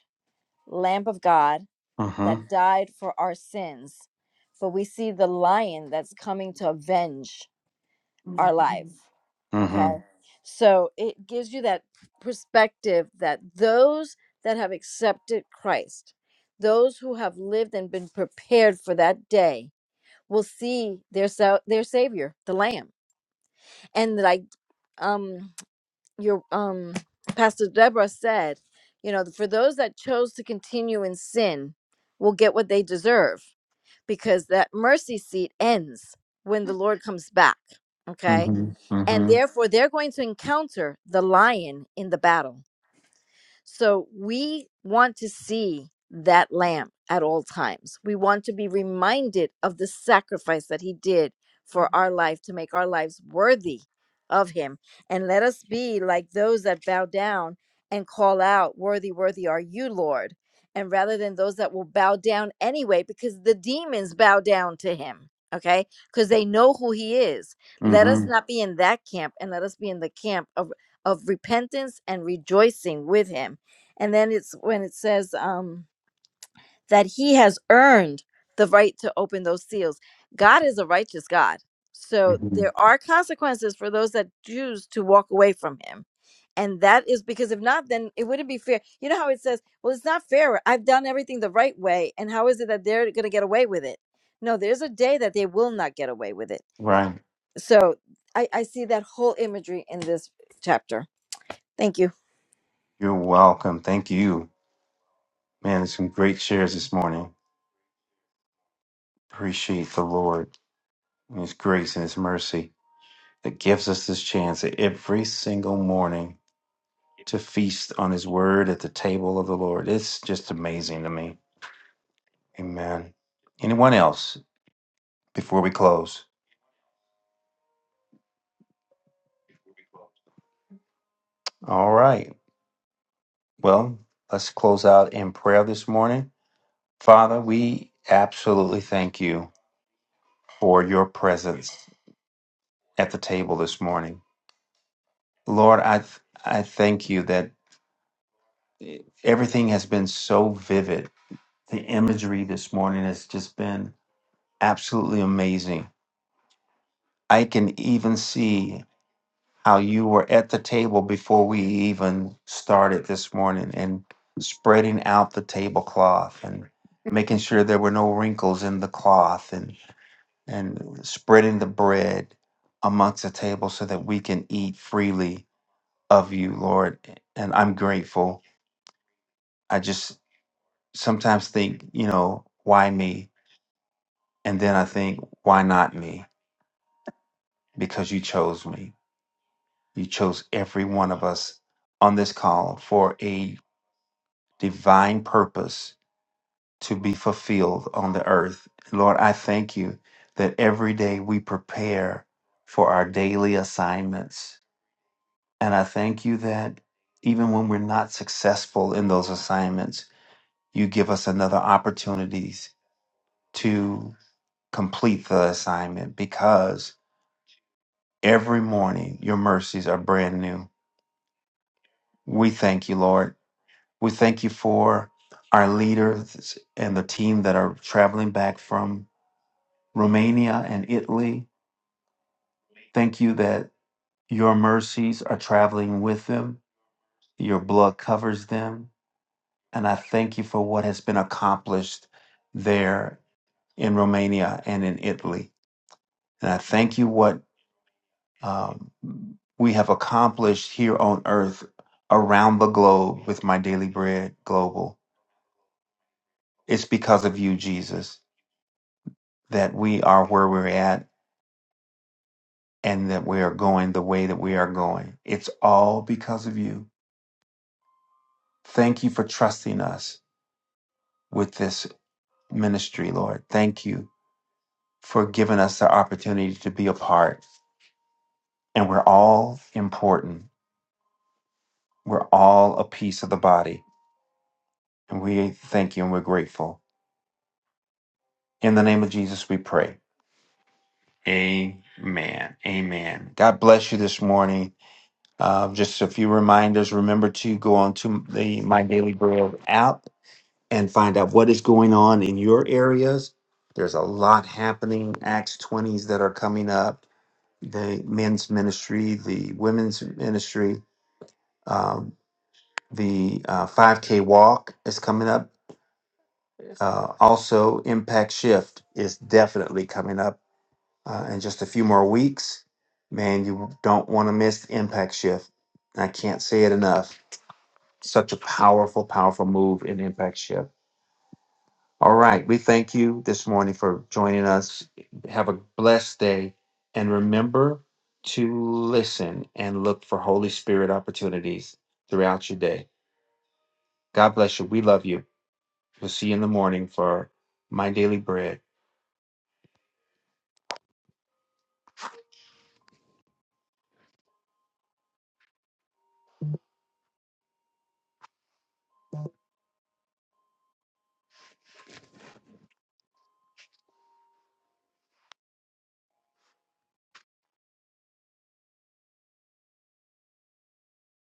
Speaker 7: Lamb of God
Speaker 1: Mm-hmm,
Speaker 7: that died for our sins. But we see the lion that's coming to avenge our life.
Speaker 1: mm-hmm,
Speaker 7: Okay. So it gives you that perspective that those that have accepted Christ, those who have lived and been prepared for that day, will see their sa- their savior, the lamb. And like um your um pastor deborah said you know for those that chose to continue in sin will get what they deserve because that mercy seat ends when the lord comes back okay
Speaker 1: mm-hmm,
Speaker 7: and
Speaker 1: mm-hmm,
Speaker 7: therefore they're going to encounter the lion in the battle so we want to see that lamb at all times. We want to be reminded of the sacrifice that he did for our life to make our lives worthy of him. And let us be like those that bow down and call out, Worthy, worthy are you, Lord. And rather than those that will bow down anyway, because the demons bow down to him, okay? Because they know who he is. Let us
Speaker 1: mm-hmm,
Speaker 7: not be in that camp and let us be in the camp of of repentance and rejoicing with him. And then it's when it says um, that he has earned the right to open those seals. God is a righteous God. So
Speaker 1: mm-hmm.
Speaker 7: there are consequences for those that choose to walk away from him. And that is because if not, then it wouldn't be fair. You know how it says, well, it's not fair. I've done everything the right way. And how is it that they're going to get away with it? No, there's a day that they will not get away with it.
Speaker 1: Right.
Speaker 7: So I, I see that whole imagery in this chapter. Thank you.
Speaker 1: You're welcome. Thank you. Man, there's some great shares this morning. Appreciate the Lord and His grace and His mercy that gives us this chance every single morning to feast on his word at the table of the Lord. It's just amazing to me. Amen. Anyone else before we close? All right. Well, let's close out in prayer this morning. Father, we absolutely thank you for your presence at the table this morning. Lord, I th- I thank you that everything has been so vivid. The imagery this morning has just been absolutely amazing. I can even see. how you were at the table before we even started this morning and spreading out the tablecloth and making sure there were no wrinkles in the cloth and and spreading the bread amongst the table so that we can eat freely of you lord and i'm grateful i just sometimes think you know why me and then i think why not me because you chose me you chose every one of us on this call for a divine purpose to be fulfilled on the earth. Lord, I thank you that every day we prepare for our daily assignments. And I thank you that even when we're not successful in those assignments, you give us another opportunities to complete the assignment because every morning your mercies are brand new. We thank you, Lord. We thank you for our leaders and the team that are traveling back from Romania and Italy. Thank you that your mercies are traveling with them, your blood covers them. And I thank you for what has been accomplished there in Romania and in Italy. And I thank you what um, we have accomplished here on earth around the globe with My Daily Bread Global. It's because of you, Jesus, that we are where we're at and that we are going the way that we are going. It's all because of you. Thank you for trusting us with this ministry, Lord. Thank you for giving us the opportunity to be a part. And we're all important. We're all a piece of the body. And we thank you and we're grateful. In the name of Jesus, we pray. Amen. Amen. God bless you this morning. Uh, just a few reminders. Remember to go on to the My Daily Bread app and find out what is going on in your areas. There's a lot happening, Acts 20s that are coming up, the men's ministry, the women's ministry, um, the uh, 5K walk is coming up. Uh, also, Impact Shift is definitely coming up uh, in just a few more weeks. Man, you don't want to miss Impact Shift. I can't say it enough. Such a powerful, powerful move in Impact Shift. All right. We thank you this morning for joining us. Have a blessed day. And remember to listen and look for Holy Spirit opportunities throughout your day. God bless you. We love you. We'll see you in the morning for My Daily Bread.